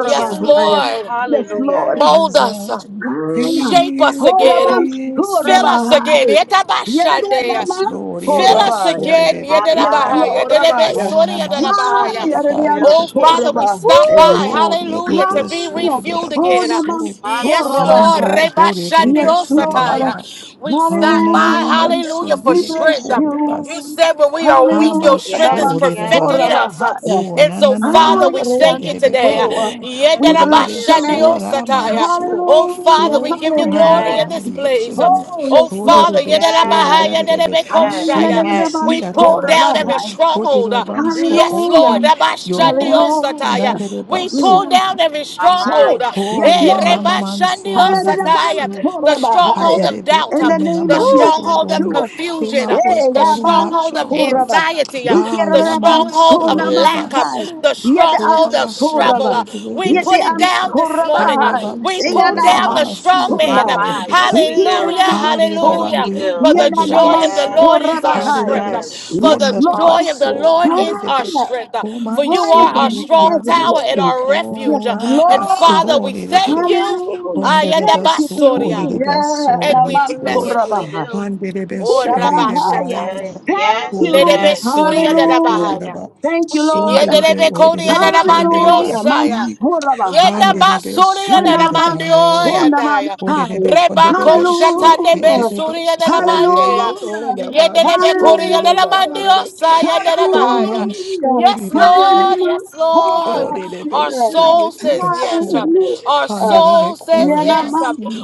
S1: Yes, Lord.
S5: Yes,
S4: Hallelujah.
S5: Lord.
S1: Mold
S2: presence
S1: us. uh,
S5: Kaya.
S1: Shape us
S2: fills
S1: again.
S5: Horabam
S4: Woo!
S2: this
S1: Fill us again.
S5: Surabahai.
S2: room.
S1: Etabashande.
S2: Yes,
S5: Yadadadamam
S2: Lord,
S1: Fill
S2: yeba
S1: us
S2: sore
S5: Horabaya.
S1: again.
S2: bebe
S4: My
S2: kore
S5: Yes,
S4: mind
S2: ba,
S1: Yedelabahaya,
S5: Lord Rabaya.
S1: Yedelebesori,
S2: hana man sore
S4: got to
S5: Kaya
S1: Yedelabahaya.
S2: ba
S4: be
S5: Radayam
S4: filled
S1: Oh,
S2: yekebe
S4: again.
S1: Father, we
S2: su,
S1: stop
S5: Surabahaya.
S4: Woo!
S1: by.
S2: kore
S1: Hallelujah. To
S2: yekebe
S1: be
S5: Kaya.
S2: sore
S1: refueled
S2: ba
S1: again.
S5: Honamam
S2: so,
S4: My
S1: Yes,
S4: Lord.
S1: Lord.
S2: mandi yo
S5: Surabahai.
S2: kore
S5: Yes,
S2: yekebe sore
S5: Lord.
S2: ba,
S1: Rebashandiosataya. We stop
S2: hana
S1: by.
S2: na na
S5: Hallelujah.
S1: Hallelujah. For
S5: We bless
S1: strength.
S5: you.
S1: You said when we are weak, your
S5: Hallelujah.
S1: strength is
S5: Rabam
S4: Yes, yes,
S1: perfected
S2: Habasuridabai.
S1: in us.
S4: yes.
S5: Surabahaya.
S2: Oh,
S1: And
S2: na
S1: so,
S2: na na na
S1: Father,
S5: Kaya
S1: we
S2: manso
S5: Radayam
S1: thank you
S2: mansurebe
S1: today.
S5: Surabahaya.
S2: kuridabai.
S4: Yes,
S5: We bless
S4: we
S2: Kuribe
S5: your
S4: do.
S5: name.
S4: Yes,
S2: sura
S4: we do.
S1: Yedelabashandiosataya.
S2: manso.
S1: Oh
S5: Hallelujah,
S1: Father, we
S2: Oh,
S1: give you
S2: come in like
S1: glory
S2: a
S5: hallelujah.
S1: in
S4: Yes,
S1: this
S2: mighty
S1: place.
S2: rushing wind.
S5: Oh,
S1: Oh
S5: yes, Lord.
S1: Father,
S2: Kuribe sura
S1: yedelabahaya,
S4: yes,
S2: yadrebe.
S4: yes,
S1: yedelebekoshaya.
S4: yes.
S2: Sumansi
S1: we pull down
S2: yadrebaso.
S1: every
S5: Ayanadadadabansorabahai.
S1: stronghold.
S2: Kuridabanso.
S1: Yes,
S5: Hallelujah,
S1: Lord.
S2: Open your hearts.
S5: hallelujah.
S1: rabashandiosataya. We
S5: Mm.
S1: pull
S2: Yadrebaso.
S1: down every
S4: My mind.
S1: stronghold.
S5: Hey,
S2: Oh,
S5: yes,
S1: Eh,
S2: yeah,
S5: Lord.
S2: mama manso direbe
S1: rebashandiosataya.
S2: so.
S1: The stronghold
S5: Hallelujah.
S2: Hallelujah.
S1: of doubt,
S5: In the
S2: Kone na
S5: name
S1: the
S5: of
S4: Woo!
S2: manso,
S1: stronghold of
S2: Hadidibikuninamansori.
S5: Yeshua.
S2: Hear
S1: confusion,
S2: my
S5: Eh,
S2: voice,
S1: the
S2: heart, and
S5: yaban
S2: not
S1: stronghold of
S2: your heart.
S5: soraba.
S1: anxiety,
S2: Ah,
S1: the
S5: Dikeraban
S1: stronghold of
S2: Yamansori
S1: lack, uh,
S5: sonamantai.
S2: Rabaso.
S1: the
S5: Yete
S2: Oh,
S5: am
S1: stronghold of
S2: Baba Sori,
S1: struggle.
S5: soraba.
S1: uh,
S2: the Debe
S1: We
S5: Yete
S1: put it
S5: an
S2: Sori,
S1: down this morning. uh,
S5: sorabai.
S1: We
S2: Hadalabansori,
S1: pull
S2: the
S1: down the
S5: Eyanaman
S2: Baba Siri,
S1: strong
S2: the
S4: My
S1: man. uh,
S5: sonai.
S2: Bekodi,
S4: mind.
S2: the
S4: Yes,
S2: Baba.
S4: we do.
S1: Hallelujah,
S5: Ikeraman
S2: Hadi
S5: so.
S4: Yes,
S1: hallelujah.
S4: we
S2: Rabandi, O
S4: do.
S1: For the
S2: Kodi
S1: joy
S5: Yananaman
S1: of the
S2: Rabaso.
S4: Yes,
S1: Lord is our
S2: Hadi
S4: yes,
S5: sorabahai.
S2: the
S1: strength. uh,
S4: yes.
S1: For
S2: Beson,
S5: Yes,
S1: the
S2: the
S5: Lord.
S1: joy of the
S2: Rabaso,
S1: Lord is
S2: Kandi the
S1: our
S2: Be.
S5: Fire.
S1: strength. uh,
S2: Oh,
S1: For you
S5: Fire
S1: are
S5: from
S1: our
S2: Mansori, the
S1: strong
S2: Man.
S5: heaven,
S1: tower and
S5: Lord.
S1: our refuge.
S5: Yes,
S1: uh,
S2: Oh,
S1: And
S5: Lord.
S1: Father, we thank
S2: Abasori,
S1: you.
S5: Hallelujah.
S1: Ayanda
S5: Thank you.
S2: Ponderebesu,
S1: basoria,
S2: korerebesu,
S1: And we
S2: Yes, Lord.
S1: bless
S4: Yes, we
S1: you.
S5: Yeah.
S4: do.
S1: Oh,
S2: Manderebesu,
S1: Rabba
S2: orereba,
S5: Rabahaya.
S1: Shatande.
S2: erereba,
S4: Yes,
S5: Thank
S4: yes,
S1: Lede
S5: you.
S1: be
S2: kodereba,
S4: yes.
S1: suri
S2: sorerebe,
S5: Hallelujah.
S2: kodereba,
S5: Thank you, Lord.
S2: sonderebe,
S1: Yendelebe kodi
S2: orerebe,
S1: yanela mandio
S2: kodereba,
S5: Hallelujah.
S1: saya.
S2: fi,
S1: Yenda
S5: Mansorabahai.
S1: basuri
S2: handerebesu,
S1: yanela
S2: orereba,
S1: mandio
S2: erereba,
S1: yadaya.
S2: orerebe,
S5: Nanabatsondamansai.
S1: Reba ko
S2: konderebesu,
S1: shatane
S5: Hallelujah.
S2: yenderebe,
S1: besuri yanela mandia.
S2: sorerebe,
S5: Hallelujah.
S2: orereba,
S1: Yendelebe kodi yanela
S5: Hallelujah.
S2: sorereba,
S1: mandio
S2: ere.
S1: saya yanela
S2: Oh,
S1: baya.
S2: man,
S5: Hallelujah.
S1: Yes,
S2: sorereba.
S1: Lord.
S5: Hallelujah.
S1: Yes,
S2: Oh, Oh Oh,
S1: Lord.
S2: they they be
S1: Our
S5: Hallelujah.
S2: so they
S1: soul
S2: they
S1: says
S2: be see,
S1: yes. Our
S5: Hallelujah.
S1: soul says yes.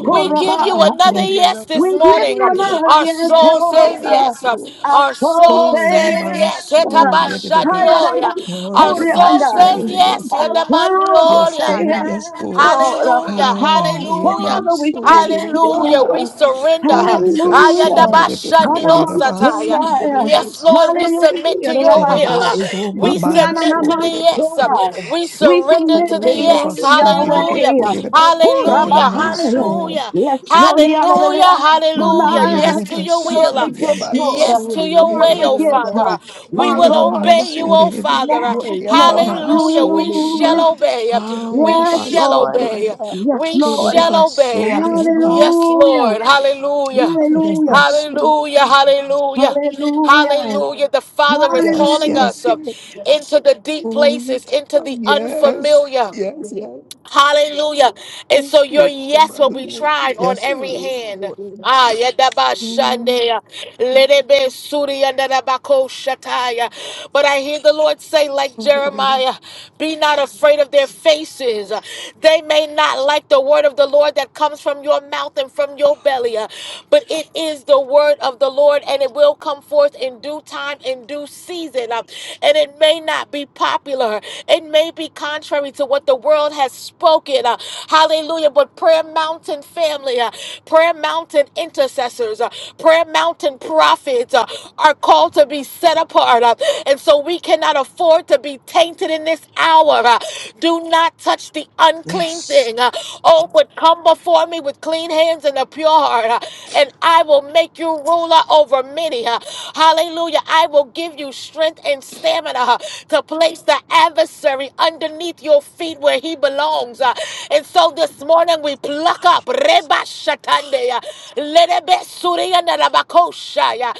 S1: We give you another yes this
S5: We give
S1: morning.
S5: you another
S1: Our
S5: yes,
S1: soul
S2: they
S5: Lord.
S1: soul
S2: they
S1: says
S2: be
S5: Uh,
S1: yes.
S2: so.
S5: Our
S1: Our
S5: soul
S1: soul
S2: Oh,
S5: say
S2: yeah,
S1: says
S2: man,
S1: yes.
S5: yes. Uh,
S2: so.
S5: Hayanamam
S1: Etabashandioya. Our soul
S2: Orerebesu yetebesu handerebekurebasi yererebando rerabasi orerebasi yeterebesu oyamansu
S1: says
S2: yererebe be
S1: yes.
S2: so.
S5: Our soul
S2: Yes
S5: say
S2: Lord,
S1: Yedamandioya.
S2: yes
S5: yes,
S2: Lord.
S5: Lord. Uh,
S1: Hallelujah.
S2: Ah,
S5: Oh,
S1: Hallelujah.
S5: Father, we
S2: yamansu
S5: thank
S2: orereba
S1: Hallelujah.
S5: you.
S1: We surrender.
S2: orerebesu
S5: Hallelujah.
S2: orerebeku
S1: Ayadabashandiosataya.
S5: Hanamansoraya.
S1: Yes,
S2: orerebasi
S1: Lord, we submit
S5: Hallelujah.
S1: to your
S2: Derebe
S1: will.
S5: Rabahaya.
S2: so
S1: We
S2: maman
S1: submit
S2: so
S1: to the
S2: derebe
S1: yes.
S2: ko.
S5: Ikiananamansoraya.
S1: We
S5: We
S1: Surrender
S5: submit
S1: to the
S2: Soro
S5: to
S2: derebe
S1: yes.
S5: you,
S2: so derebe
S1: Hallelujah.
S2: ko
S5: Yahweh.
S2: derebe. Derebe
S1: Hallelujah.
S2: man
S5: Hurabahaya.
S2: so.
S1: Hallelujah.
S5: Yes, Lord.
S1: Hallelujah.
S5: Hallelujah.
S1: Hallelujah.
S2: Hallelujah
S5: Hunaya.
S1: Yes to
S2: derebe
S1: your
S5: Stir
S2: so
S5: up
S1: will. uh,
S5: the gifts,
S2: yaman
S5: Lord.
S1: Yes
S2: so
S1: to
S5: Stir
S1: your
S2: derebe
S5: up
S1: way,
S2: oya
S5: the
S1: oh
S5: gifts,
S2: derebe.
S1: Father.
S5: huh?
S1: uh,
S2: O
S1: We
S5: my
S1: will
S2: derebe
S5: Lord.
S2: man
S1: obey you,
S2: so
S1: oh
S2: derebe
S1: Father. uh,
S2: ko
S5: Yes, Lord.
S2: yamaman
S1: Hallelujah.
S2: so
S1: We
S2: derebe.
S1: shall
S5: Hallelujah.
S1: obey. uh,
S2: Ha
S1: We
S5: Yes,
S2: yaba
S1: shall
S2: so
S5: Lord.
S1: obey. uh,
S2: derebe.
S5: Yes,
S1: We
S2: O
S5: Lord.
S1: shall
S2: derebe
S1: obey.
S2: so
S1: uh,
S2: derebe.
S1: Yes,
S5: Hallelujah.
S1: Lord. Hallelujah.
S5: Hallelujah.
S2: Derebe so.
S1: Hallelujah, hallelujah,
S5: Hallelujah.
S1: hallelujah. The Father is
S2: Yes,
S1: calling
S5: Hallelujah.
S2: yes,
S1: us uh,
S2: yes.
S1: into the deep
S2: Oh,
S1: places, into the
S2: yes,
S1: unfamiliar.
S2: yes, yes.
S1: Hallelujah. And
S2: Oh,
S1: so your
S2: it-
S1: yes will be tried on
S2: Yes, it
S1: every hand.
S2: will.
S1: Ah, yadaba shandaya, ledebe suri yandadabako shataya. But I hear the Lord say, like Jeremiah, be not afraid of their faces. They may not like the word of the Lord that comes from your mouth and from your belly, uh, but it is the word of the Lord and it will come forth in due time, in due season. uh, And it may not be popular, prayer. It may be contrary to what the world has spoken. uh, hallelujah. But Prayer Mountain family, uh, Prayer Mountain intercessors, uh, Prayer Mountain prophets uh, are called to be set apart. uh, and so we cannot afford to be tainted in this hour. uh, do not touch the unclean
S2: Yes.
S1: thing. uh, oh, but come before me with clean hands and a pure heart, uh, and I will make you ruler over many. uh, hallelujah. I will give you strength and stamina uh, to place the adversary underneath your feet where he belongs. uh. And so this morning we pluck up Reba Shatande, uh, Lerebe Surianda Rabakosha, uh,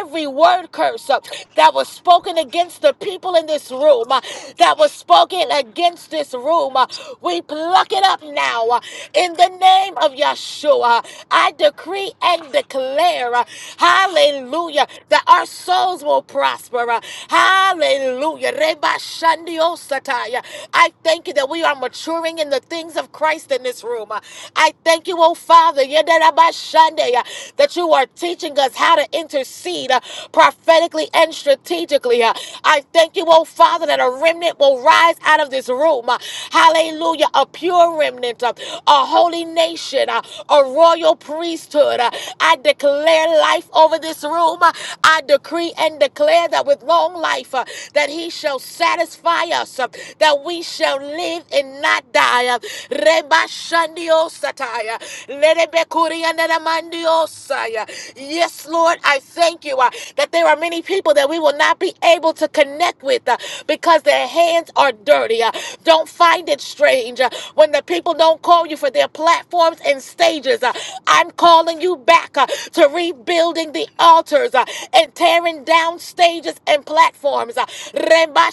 S1: every word curse uh, that was spoken against the people in this room, uh, that was spoken against this room. uh, We pluck it up now uh, in the name of Yeshua. I decree and declare, uh, hallelujah. Hallelujah. That our souls will prosper. Uh, Hallelujah. Reba shandio sataya. I thank you that we are maturing in the things of Christ in this room. Uh, I thank you, oh Father, yedaraba shande, uh, that you are teaching us how to intercede uh, prophetically and strategically. Uh, I thank you, oh Father, that a remnant will rise out of this room. Uh, Hallelujah. A pure remnant, uh, a holy nation, uh, a royal priesthood priesthood. Uh, I declare life over this room. Uh, I decree and declare that with long life, uh, that he shall satisfy us, uh, that we shall live and not die. Uh, Reba Shandio Sataya. Lerebe Kuriandana Mandio Saya. Yes, Lord, I thank you uh, that there are many people that we will not be able to connect with uh, because their hands are dirty. Uh, Don't find it strange uh, when the people don't call call you for their platforms and stages. Uh, I'm calling you back uh, to rebuilding the altars uh, and tearing down stages and platforms. Uh, Reba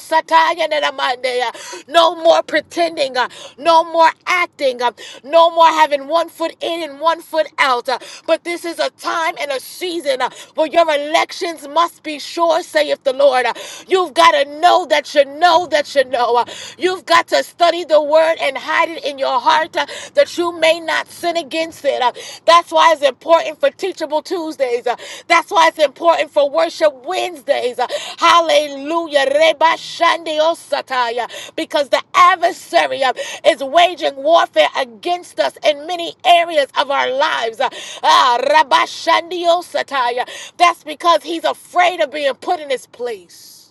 S1: Sataya Nenamande, uh, No more pretending, uh, no more acting, uh, no more having one foot in and one foot out. uh, But this is a time and a season uh, where your elections must be sure, saith the Lord. Uh, You've got to know that you know that you know. Uh, You've got to study the word and hide it in your heart uh, that you may not sin against it. Uh, That's why it's important for Teachable Tuesdays. Uh, That's why it's important for Worship Wednesdays. Uh, Hallelujah. Reba shande osataya. Because the adversary uh, is waging warfare against us in many areas of our lives. Uh, ah, Rabba shande osataya. That's because he's afraid of being put in his place.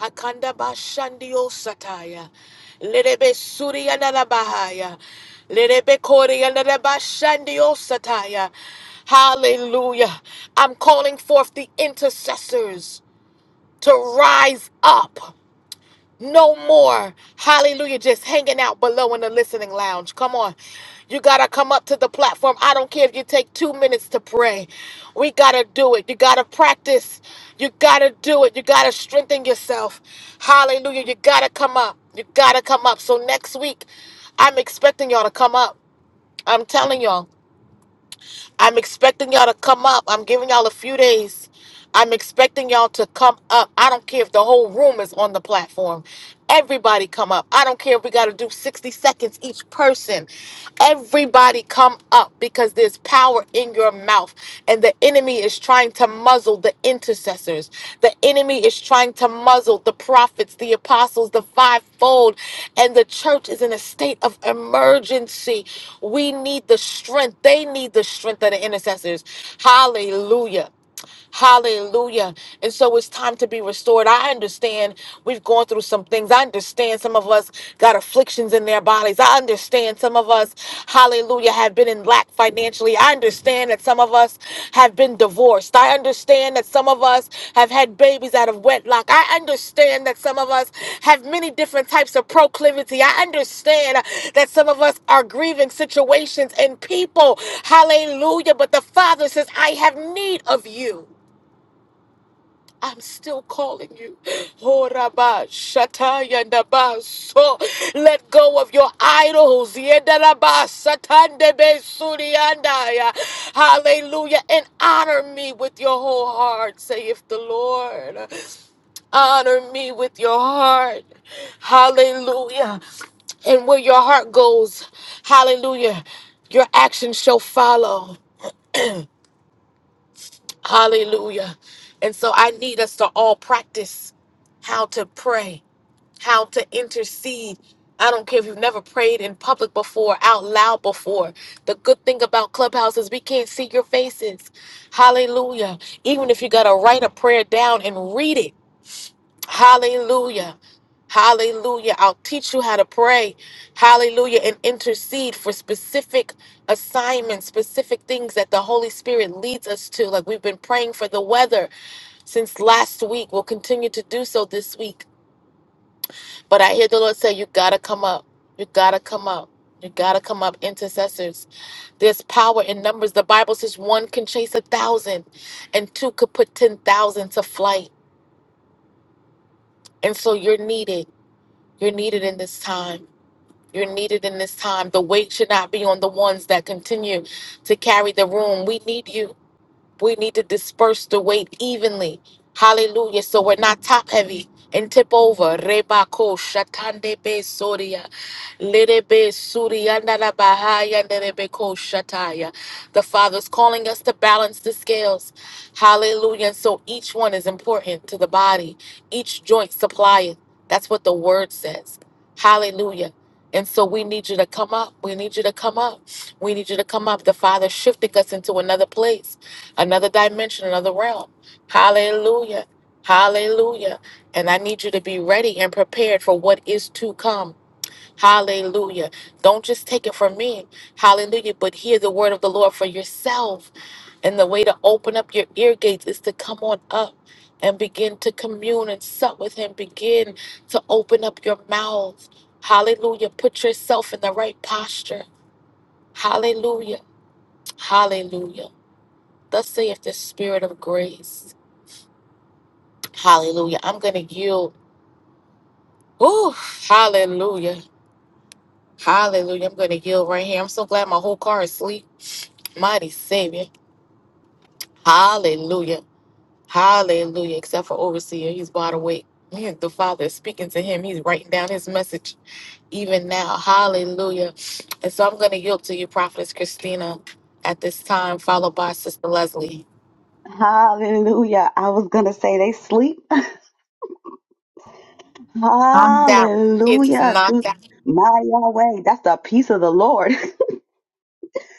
S1: Hakanda bashandio sataya. Lerebe suri andala bahaya. Lerebe kori andala bashandio sataya. Hallelujah. I'm calling forth the intercessors to rise up. No more, hallelujah, just hanging out below in the listening lounge. Come on. You got to come up to the platform. I don't care if you take two minutes to pray. We got to do it. You got to practice. You got to do it. You got to strengthen yourself. Hallelujah. You got to come up. You got to come up. So next week, I'm expecting y'all to come up. I'm telling y'all. I'm expecting y'all to come up. I'm giving y'all a few days. I'm expecting y'all to come up. I don't care if the whole room is on the platform. Everybody come up. I don't care if we got to do 60 seconds each person. Everybody come up because there's power in your mouth and the enemy is trying to muzzle the intercessors. The enemy is trying to muzzle the prophets, the apostles, the fivefold, and the church is in a state of emergency. We need the strength. They need the strength of the intercessors. Hallelujah. Hallelujah. And so it's time to be restored. I understand we've gone through some things. I understand some of us got afflictions in their bodies. I understand some of us, hallelujah, have been in lack financially. I understand that some of us have been divorced. I understand that some of us have had babies out of wedlock. I understand that some of us have many different types of proclivity. I understand that some of us are grieving situations and people. Hallelujah. But the Father says, I have need of you. I'm still calling you. Horaba, shataya, ndaba, So let go of your idols. Yedaraba, satandebe, suriandaya. Hallelujah. And honor me with your whole heart, saith the Lord. Honor me with your heart. Hallelujah. And where your heart goes, hallelujah, your actions shall follow. Hallelujah. And so I need us to all practice how to pray, how to intercede. I don't care if you've never prayed in public before, out loud before. The good thing about Clubhouse is we can't see your faces. Hallelujah. Even if you got to write a prayer down and read it Hallelujah. Hallelujah. I'll teach you how to pray. Hallelujah. And intercede for specific assignments, specific things that the Holy Spirit leads us to. Like we've been praying for the weather since last week. We'll continue to do so this week. But I hear the Lord say, You got to come up. You got to come up. You got to come up, intercessors. There's power in numbers. The Bible says one can chase a thousand, and two could put 10,000 to flight. And so you're needed. You're needed in this time. You're needed in this time. The weight should not be on the ones that continue to carry the room. We need you we need to disperse the weight evenly. Hallelujah. So we're not top heavy and tip over. Reba ko shatande be soria. Lede be suria nana bahaya nere be ko shataya. The Father's calling us to balance the scales. Hallelujah. And so each one is important to the body. Each joint supplying. That's what the word says. Hallelujah. And so we need you to come up. We need you to come up. We need you to come up. The Father's shifting us into another place another dimension, another realm. Hallelujah. Hallelujah. And I need you to be ready and prepared for what is to come. Hallelujah. Don't just take it from me. Hallelujah. But hear the word of the Lord for yourself. And the way to open up your ear gates is to come on up and begin to commune and sup with Him. Begin to open up your mouth. Hallelujah. Put yourself in the right posture. Hallelujah. Hallelujah. Thus saith the Spirit of grace. Hallelujah. I'm going to yield. Oh, hallelujah. Hallelujah. I'm going to yield right here. I'm so glad my whole car is asleep. Mighty Savior. Hallelujah. Hallelujah. Except for Overseer. He's wide awake. Man, The Father is speaking to him. He's writing down his message even now. Hallelujah. And so I'm going to yield to you, Prophetess Christina, at this time, followed by Sister Leslie.
S5: Hallelujah. I was going to say they sleep.
S1: Knocked out. Kids is
S5: Hallelujah. Through
S1: knocked out.
S5: My Yahweh. That's the peace of the Lord.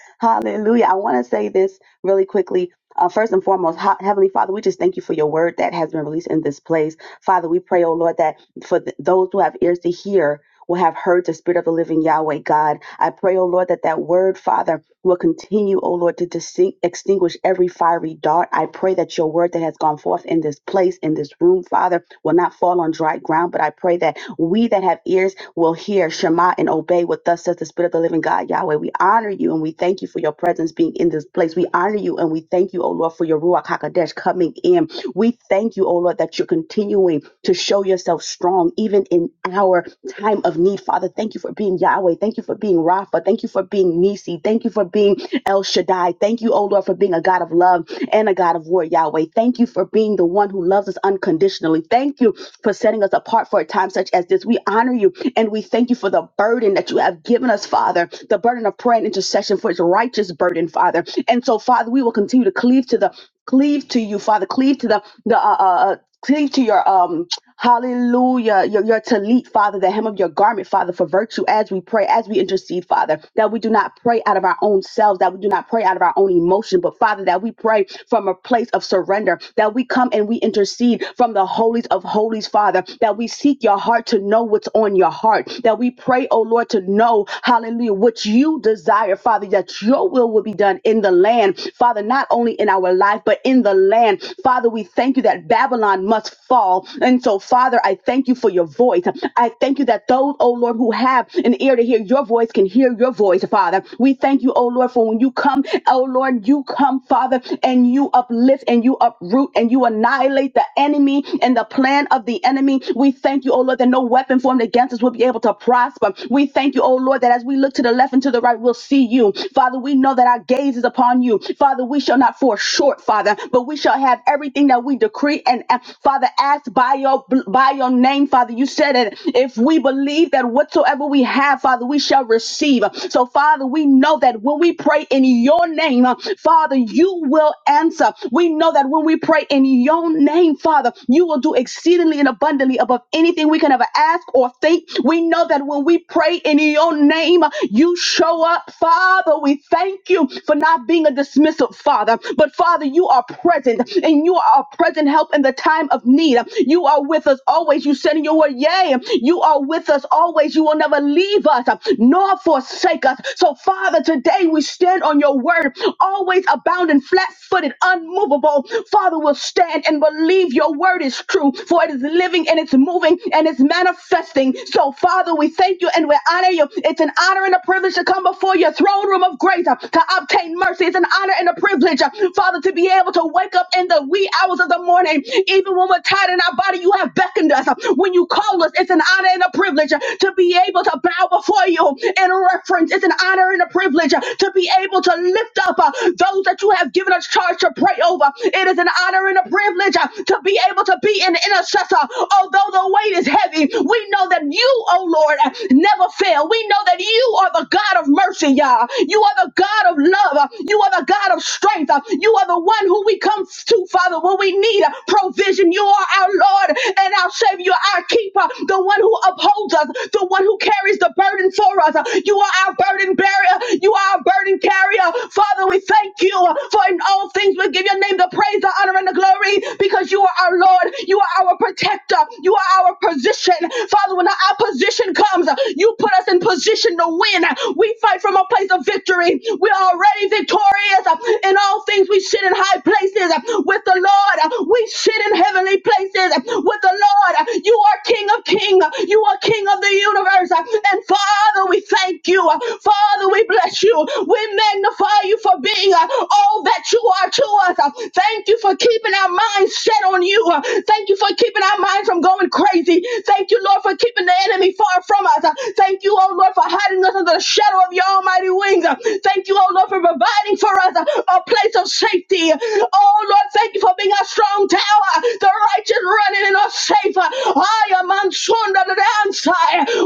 S5: Hallelujah. I want to say this really quickly. Uh, first and foremost, Ha- Heavenly Father, we just thank you for your word that has been released in this place. Father, we pray, oh Lord, that for th- those who have ears to hear, will have heard the spirit of the living Yahweh God. I pray, oh Lord, that that word, Father, will continue, O Lord, to distinct, extinguish every fiery dart. I pray that your word that has gone forth in this place, in this room, Father, will not fall on dry ground, but I pray that we that have ears will hear Shema and obey what thus says the Spirit of the living God, Yahweh. We honor you and we thank you for your presence being in this place. We honor you and we thank you, O Lord, for your Ruach HaKodesh coming in. We thank you, O Lord, that you're continuing to show yourself strong even in our time of need, Father. Thank you for being Yahweh. Thank you for being Rapha. Thank you for being Nisi. Nisi. Thank you for being El Shaddai. Thank you, O Lord, for being a God of love and a God of war, Yahweh. Thank you for being the one who loves us unconditionally. Thank you for setting us apart for a time such as this. We honor you and we thank you for the burden that you have given us, Father, the burden of prayer and intercession for its righteous burden, Father. And so, Father, we will continue to cleave to the cleave to you, Father, cleave to the the uh, uh, uh, cling to your um hallelujah your, your talit father the hem of your garment father for virtue as we pray as we intercede father that we do not pray out of our own selves that we do not pray out of our own emotion but father that we pray from a place of surrender that we come and we intercede from the holies of holies father that we seek your heart to know what's on your heart that we pray oh lord to know hallelujah what you desire father that your will will be done in the land father not only in our our life, but in the land. Father, we thank you that Babylon must fall. And so, Father, I thank you for your voice. I thank you that those, oh Lord, who have an ear to hear your voice can hear your voice, Father. We thank you, oh Lord, for when you come, oh Lord, you come, Father, and you uplift and you uproot and you annihilate the enemy and the plan of the enemy. We thank you, oh Lord, that no weapon formed against us will be able to prosper. We thank you, oh Lord, that as we look to the left and to the right, we'll see you. Father, we know that our gaze is upon you. Father, we shall not fall short, Father, but we shall have everything that we decree and uh, Father ask by your by your name, Father. You said it. If we believe that whatsoever we have, Father, we shall receive. So, Father, we know that when we pray in your name, uh, Father, you will answer. We know that when we pray in your name, Father, you will do exceedingly and abundantly above anything we can ever ask or think. We know that when we pray pray in your name, you show up, Father. We thank you for not being a dismissive Father, but Father, you are present and you are a present help in the time of need. You are with us always. You said in your word, Yea, you are with us always. You will never leave us nor forsake us. So, Father, today we stand on your word, always abounding, flat footed, unmovable. Father, we'll stand and believe your word is true, for it is living and it's moving moving and it's manifesting. So, Father, we thank you and we honor you. It's an honor and a privilege to come before your throne room of grace uh, to obtain mercy. It's an honor and a privilege, uh, Father, to be able to wake up in the wee hours of the morning, even when we're tired in our body. You have beckoned us. Uh, When you call us, it's an honor and a privilege uh, to be able to bow before you in reference. It's an honor and a privilege uh, to be able to lift up uh, those that you have given us charge to pray over. It is an honor and a privilege uh, to be able to be an intercessor. Although the weight is heavy, we know that you, oh Lord, uh, never fail. We know that you are the God of mercy, y'all. You are the God of love. uh, You are the God of strength. uh, You are the one who we come to, Father, when we need uh, provision. You are our Lord and our Savior, You're our keeper, the one who upholds us, the one who carries the burden for us. Uh, You are our burden bearer. You are our burden carrier. Father, we thank you you for in all things we give your name the praise, the honor, and the glory because you are our Lord. You are our protector. You are our position. Father, when our position comes, you put us in position to win. We fight from a place of victory. We're already victorious. In all things, we sit in high places with the Lord. We sit in heavenly places with the Lord. You are King of King. You are King of the universe. And Father, we thank you. Father, we bless you. We magnify you for being uh, all that you are to us. Uh, Thank you for keeping our minds set on you. Uh, Thank you for keeping our minds from going crazy. Thank you, Lord, for keeping the enemy far from us. Uh, Thank you, oh Lord, for hiding us under the shadow of your almighty wings. Uh, Thank you, oh Lord, for providing for us uh, a place of safety. Oh Lord, thank you for being our strong tower. The righteous running and are safe. Uh, I am unsure of the answer.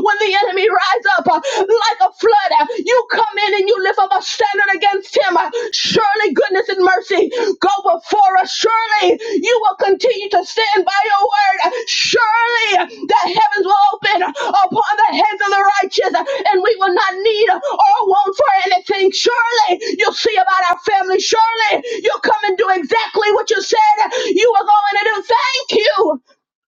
S5: When the enemy rise up uh, like a flood, uh, you come in and you lift up a standard against him. Uh, Surely goodness and mercy go before us. Surely you will continue to stand by your word. Uh, Surely the heavens will open upon the heads of the righteous uh, and we will not need uh, or want for anything. Surely you'll see about our family. Surely you'll come and do exactly what you said uh, you were going to do. Thank you.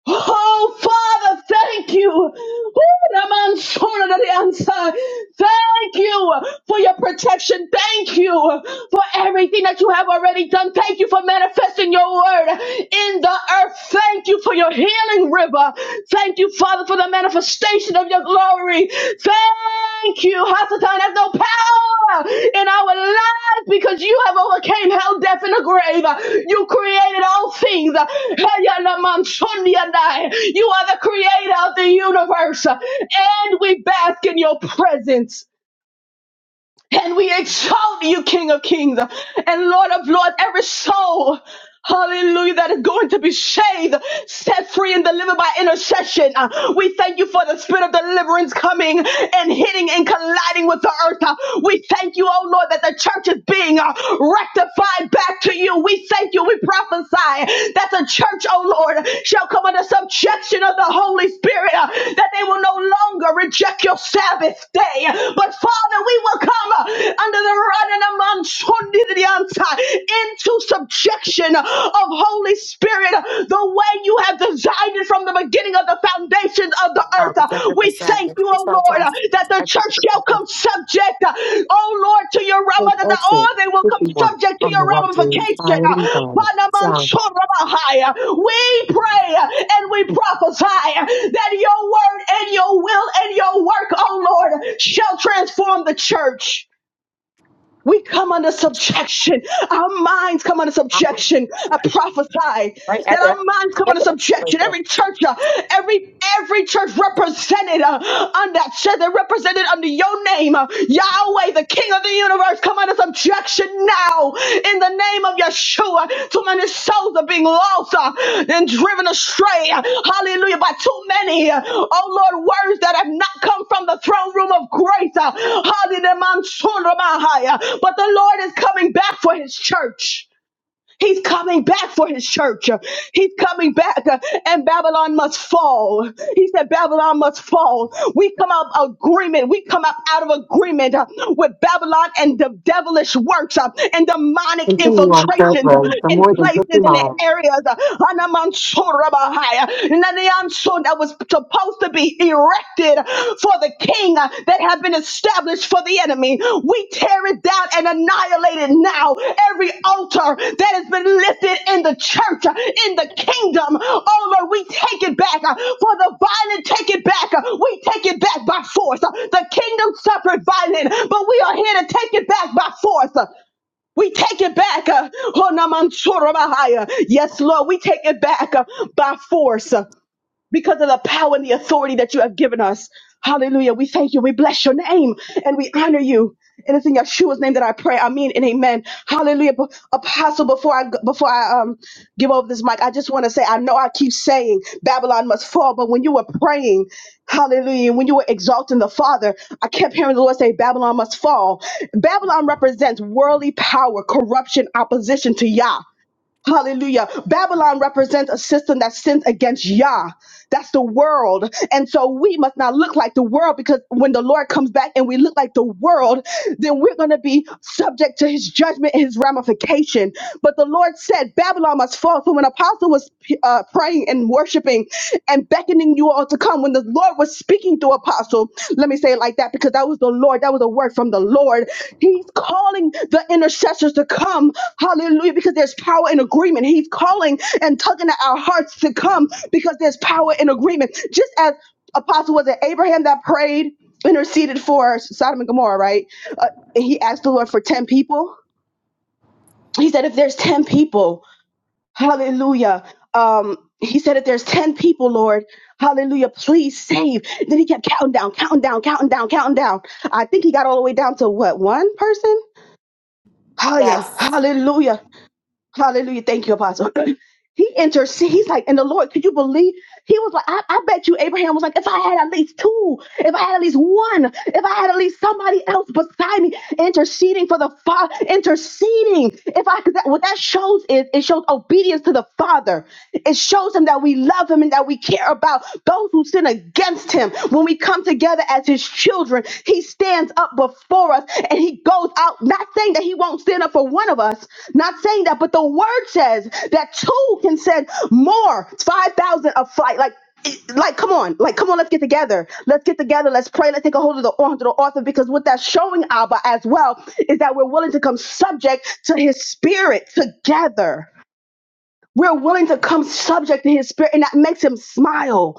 S5: Oh, Father, thank you. Ooh, Raman Shona the answer. Thank you for your protection. Thank you for everything that you have already done. Thank you for manifesting your word in the earth. Thank you for your healing river. Thank you, Father, for the manifestation of your glory. Thank you. Hasatan has no power in our lives because you have overcame hell, death, and the grave. You created all things. You are the creator of the universe, and we bask in your presence. And we exalt you, King of Kings and Lord of Lords, every soul. Hallelujah, that is going to be saved, set free, and delivered by intercession. Uh, we thank you for the spirit of deliverance coming and hitting and colliding with the earth. Uh, we thank you, oh Lord, that the church is being uh, rectified back to you. We thank you, we prophesy that the church, oh Lord, shall come under subjection of the Holy Spirit, uh, that they will no longer longer reject your Sabbath day. But Father, we will come uh, under the running among Sunday to the outside into subjection of Holy Spirit uh, the way you have designed it from the beginning of the foundations of the
S1: I
S5: earth.
S1: was
S5: Uh,
S1: the
S5: We
S1: sad.
S5: thank you, O
S1: It's our
S5: Lord, uh, that the church earth shall
S1: time.
S5: come subject, uh, oh Lord, to your realm.
S1: was
S5: Under the all
S1: also
S5: they will
S1: put
S5: come subject to
S1: on
S5: your
S1: the fire.
S5: ramification. Uh, Panamansorabahai. We pray uh, and we prophesy uh, that your word and your will and your work, oh Lord, shall transform the church. We come under subjection. Our minds come under
S1: Uh-huh.
S5: subjection. I prophesy
S1: Right
S5: that
S1: at the
S5: our minds come
S1: at
S5: under
S1: the right
S5: subjection.
S1: there.
S5: Every church, uh, every every church represented uh, on that chair, they're represented under your name, uh, Yahweh, the King of the universe. Come under subjection now in the name of Yeshua. Too many souls are being lost uh, and driven astray. Hallelujah. By too many, uh, oh Lord, words that have not come from the throne room of grace. uh, Hallelujah. But the Lord is coming back for his church. He's coming back for his church. He's coming back, uh, and Babylon must fall. He said, Babylon must fall. We come out of agreement. We come up out of agreement uh, with Babylon and the devilish works uh, and demonic infiltrations uh, in places and in areas. uh, Hanamansorabahai, uh, Nanayanso, That was supposed to be erected for the king uh, that have been established for the enemy. We tear it down and annihilate it now. Every altar that has been lifted in the church, uh, in the kingdom, oh Lord, we take it back uh, for the violent. Take it back. uh, We take it back by force. Uh, The kingdom suffered violent, but we are here to take it back by force. Uh, we take it back. uh, oh, Naman Chorobahaya. Yes, Lord, we take it back uh, by force because of the power and the authority that you have given us. Hallelujah. We thank you. We bless your name and we honor you. And it's in Yeshua's name that I pray. I mean, and amen. Hallelujah. Bo- Apostle, before I, before I, um, give over this mic, I just want to say, I know I keep saying Babylon must fall, but when you were praying, hallelujah, when you were exalting the Father, I kept hearing the Lord say, Babylon must fall. Babylon represents worldly power, corruption, opposition to Yah. Hallelujah. Babylon represents a system that sins against Yah. That's the world. And so we must not look like the world because when the Lord comes back and we look like the world, then we're going to be subject to his judgment and his ramification. But the Lord said Babylon must fall. So when Apostle was uh, praying and worshiping, and beckoning you all to come. When the Lord was speaking to Apostle, let me say it like that because that was the Lord. That was a word from the Lord. He's calling the intercessors to come. Hallelujah. Because there's power in agreement. He's calling and tugging at our hearts to come because there's power in agreement. Just as Apostle was it Abraham that prayed, interceded for Sodom and Gomorrah, right? Uh, and he asked the Lord for 10 people. He said, if there's 10 people, Hallelujah. Um, he said that there's 10 people, Lord. Hallelujah. Please save. Then he kept counting down, counting down, counting down, counting down. I think he got all the way down to what? One person? Hallelujah.
S1: Yes.
S5: Hallelujah. Hallelujah. Thank you, Apostle. he intercedes. He's like, and the Lord, could you believe? He was like, I, I bet you Abraham was like, if I had at least two, if I had at least one, if I had at least somebody else beside me interceding for the Father, interceding. If I, 'cause that, what that shows is, it shows obedience to the Father. It shows him that we love him and that we care about those who sin against him. When we come together as his children, he stands up before us and he goes out, not saying that he won't stand up for one of us, not saying that, but the word says that two can send more, 5,000 a flight. Like, it- like, come on, like, come on, let's get together. Let's get together. Let's pray. Let's take a hold of the, onto the author because what that's showing Abba as well is that we're willing to come subject to his spirit together. We're willing to come subject to his spirit, and that makes him smile.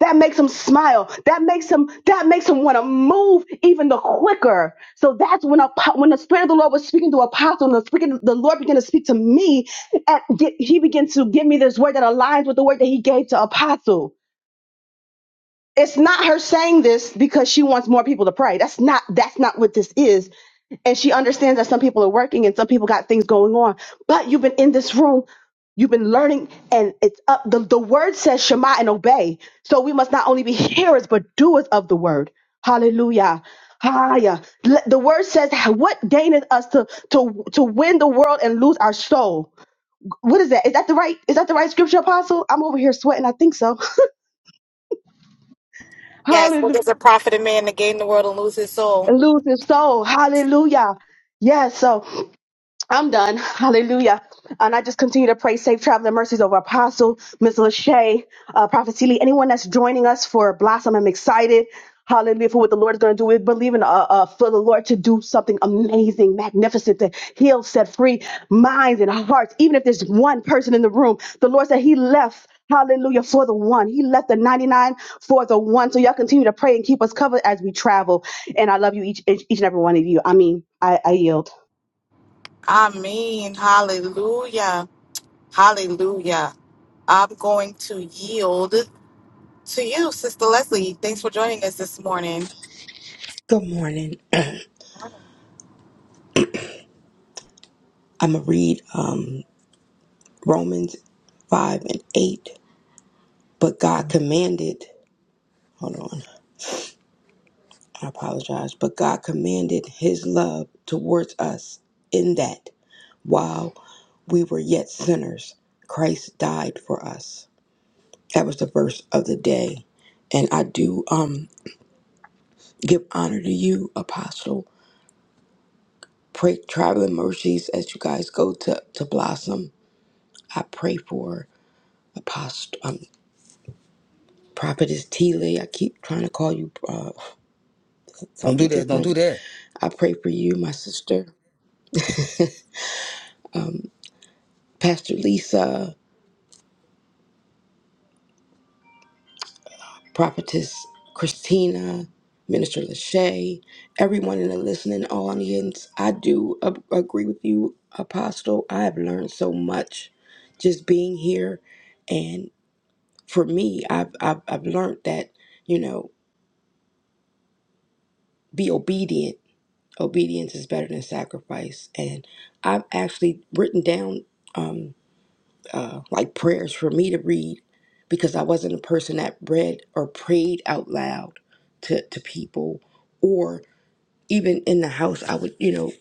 S5: That makes them smile. That makes them. That makes them want to move even the quicker. So that's when a, when the spirit of the Lord was speaking to Apostle, and the, speaking, the Lord began to speak to me, and get, he began to give me this word that aligns with the word that He gave to Apostle. It's not her saying this because she wants more people to pray. That's not that's not what this is. And she understands that some people are working and some people got things going on. But you've been in this room, you've been learning, and it's up. The, the word says Shema and obey. So we must not only be hearers, but doers of the word. Hallelujah. Hallelujah. Let- The word says, "What gaineth us to to to win the world and lose our soul?" What is that? Is that the right? Is that the right scripture, Apostle? I'm over here sweating. I think so.
S1: Yes.
S5: Hallelujah.
S1: What does it profit a man to gain the world and lose his soul?
S5: and lose his soul. Hallelujah. Yes, so I'm done. Hallelujah. And I just continue to pray safe traveling mercies over Apostle, Miss Lachey, uh, Prophet Seeley, anyone that's joining us for Blossom. I'm excited. Hallelujah for what the Lord is going to do. We believe in uh, uh, for the Lord to do something amazing, magnificent, to heal, set free minds and hearts. Even if there's one person in the room, the Lord said He left. Hallelujah for the one. He left the 99 for the one. So y'all continue to pray and keep us covered as we travel. And I love you each, each, each and every one of you. I mean, I, I yield.
S1: I mean, hallelujah. Hallelujah. I'm going to yield to you, Sister Leslie. Thanks for joining us this morning.
S6: Good morning. I'm going to read um, Romans 5 and 8. But God commanded, hold on, I apologize, but God commanded his love towards us in that while we were yet sinners, Christ died for us. That was the verse of the day. And I do um, give honor to you, Apostle. Pray traveling mercies as you guys go to, to Blossom. I pray for Apostle. um, Prophetess Teeley, I keep trying to call you uh,
S2: Don't
S6: something
S2: do that. Don't do
S6: different.
S2: that.
S6: I pray for you, my sister. Um, Pastor Lisa, Prophetess Christina, Minister Lachey, everyone in the listening audience. I do ab- agree with you, Apostle. I have learned so much just being here. And for me, I've, I've, I've learned that, you know, be obedient. Obedience is better than sacrifice. And I've actually written down. Um, uh, like prayers for me to read because I wasn't a person that read or prayed out loud to, to people or even in the house I would you know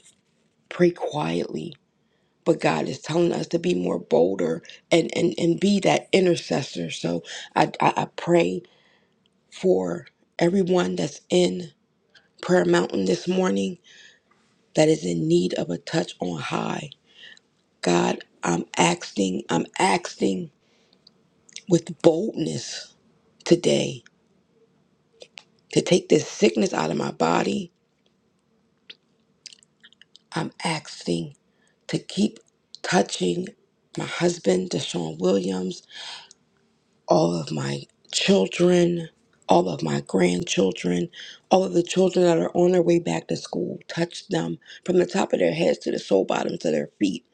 S6: pray quietly but God is telling us to be more bolder and and, and be that intercessor so I, I I pray for everyone that's in prayer mountain this morning that is in need of a touch on high God I'm asking I'm asking with boldness today to take this sickness out of my body. I'm asking to keep touching my husband, Deshaun Williams, all of my children, all of my grandchildren, all of the children that are on their way back to school. Touch them from the top of their heads to the sole bottoms of their feet.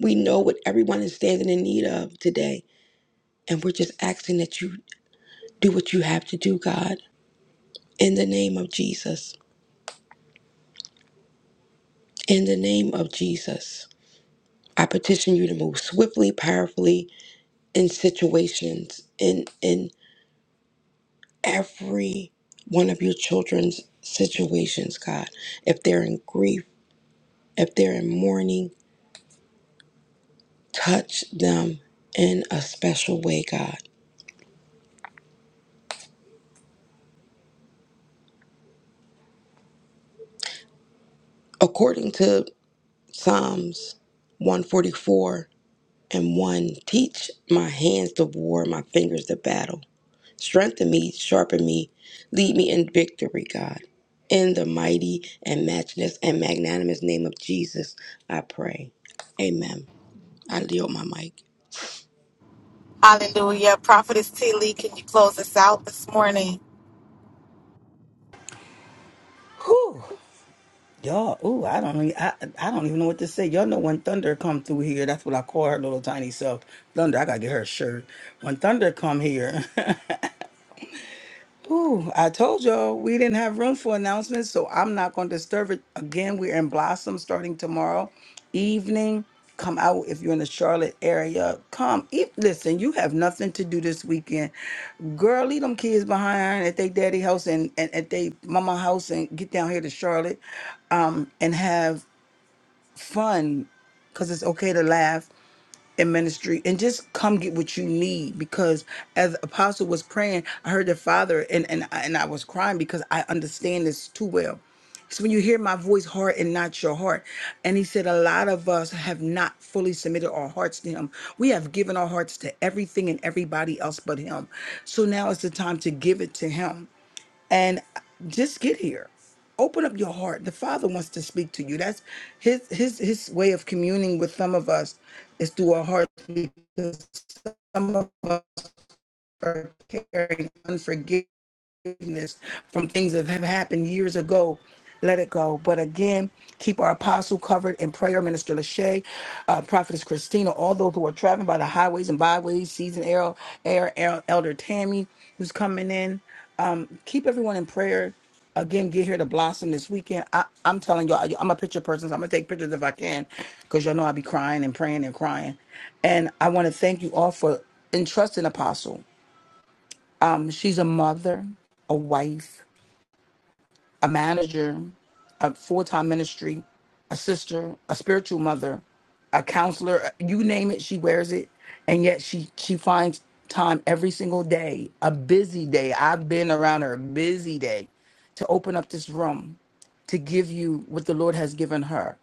S6: We know what everyone is standing in need of today, and we're just asking that you do what you have to do, God, in the name of Jesus. In the name of Jesus. I petition you to move swiftly, powerfully in situations, in in every one of your children's situations, God. If they're in grief, if they're in mourning, touch them in a special way, God. According to Psalms 144 and 1, teach my hands to war, my fingers to battle. Strengthen me, sharpen me, lead me in victory, God. In the mighty and matchless and magnanimous name of Jesus, I pray. Amen. I yield my mic.
S1: Hallelujah. Prophetess T. Lee, can you close us out this morning?
S2: Whew. Y'all, ooh, I don't even, I, I don't even know what to say. Y'all know when Thunder come through here, that's what I call her little tiny self. Thunder, I gotta get her a shirt. When Thunder come here, Ooh, I told y'all we didn't have room for announcements, so I'm not going to disturb it again. We're in Blossom starting tomorrow evening. Come out if you're in the Charlotte area. Come, eat. listen, you have nothing to do this weekend. Girl, leave them kids behind at their daddy house and, and at their mama house and get down here to Charlotte um, and have fun because it's okay to laugh in ministry and just come get what you need because as apostle was praying i heard the father and and, I- and i was crying because i understand this too well So when you hear my voice heart and not your heart and he said a lot of us have not fully submitted our hearts to him we have given our hearts to everything and everybody else but him so now is the time to give it to him and just get here open up your heart the father wants to speak to you that's his his his way of communing with some of us is through our hearts because some of us are carrying unforgiveness forgiveness from things that have happened years ago. Let it go. But again, keep our apostle covered in prayer, Minister Lachey, uh, Prophetess Christina, all those who are traveling by the highways and byways, Season Air, Air, Air Elder Tammy, who's coming in. Um, keep everyone in prayer. Again, get here to blossom this weekend. I, I'm telling y'all, I'm a picture person, so I'm gonna take pictures if I can, because y'all know I be crying and praying and crying. And I want to thank you all for entrusting Apostle. Um, she's a mother, a wife, a manager, a full time ministry, a sister, a spiritual mother, a counselor, you name it, she wears it. And yet she she finds time every single day, a busy day. I've been around her, a busy day, to open up this room to give you what the Lord has given her.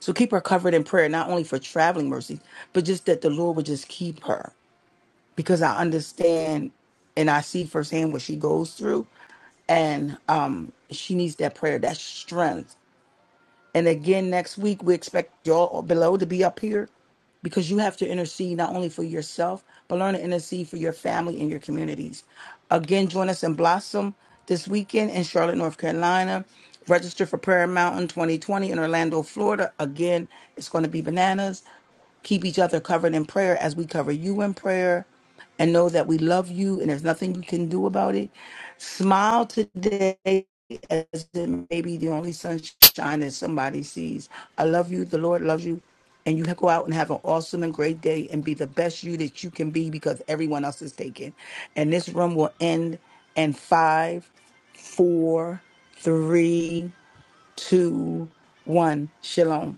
S2: So keep her covered in prayer, not only for traveling mercy, but just that the Lord would just keep her. Because I understand and I see firsthand what she goes through and um she needs that prayer that strength and again next week we expect y'all below to be up here because you have to intercede not only for yourself but learn to intercede for your family and your communities again join us in blossom this weekend in charlotte north carolina register for prayer mountain 2020 in orlando florida again it's going to be bananas Keep each other covered in prayer as we cover you in prayer and know that we love you and there's nothing you can do about it. Smile today as it may be the only sunshine that somebody sees. I love you. The Lord loves you. And you go out and have an awesome and great day and be the best you that you can be because everyone else is taken. And this room will end in five, four, three, two, one. Shalom.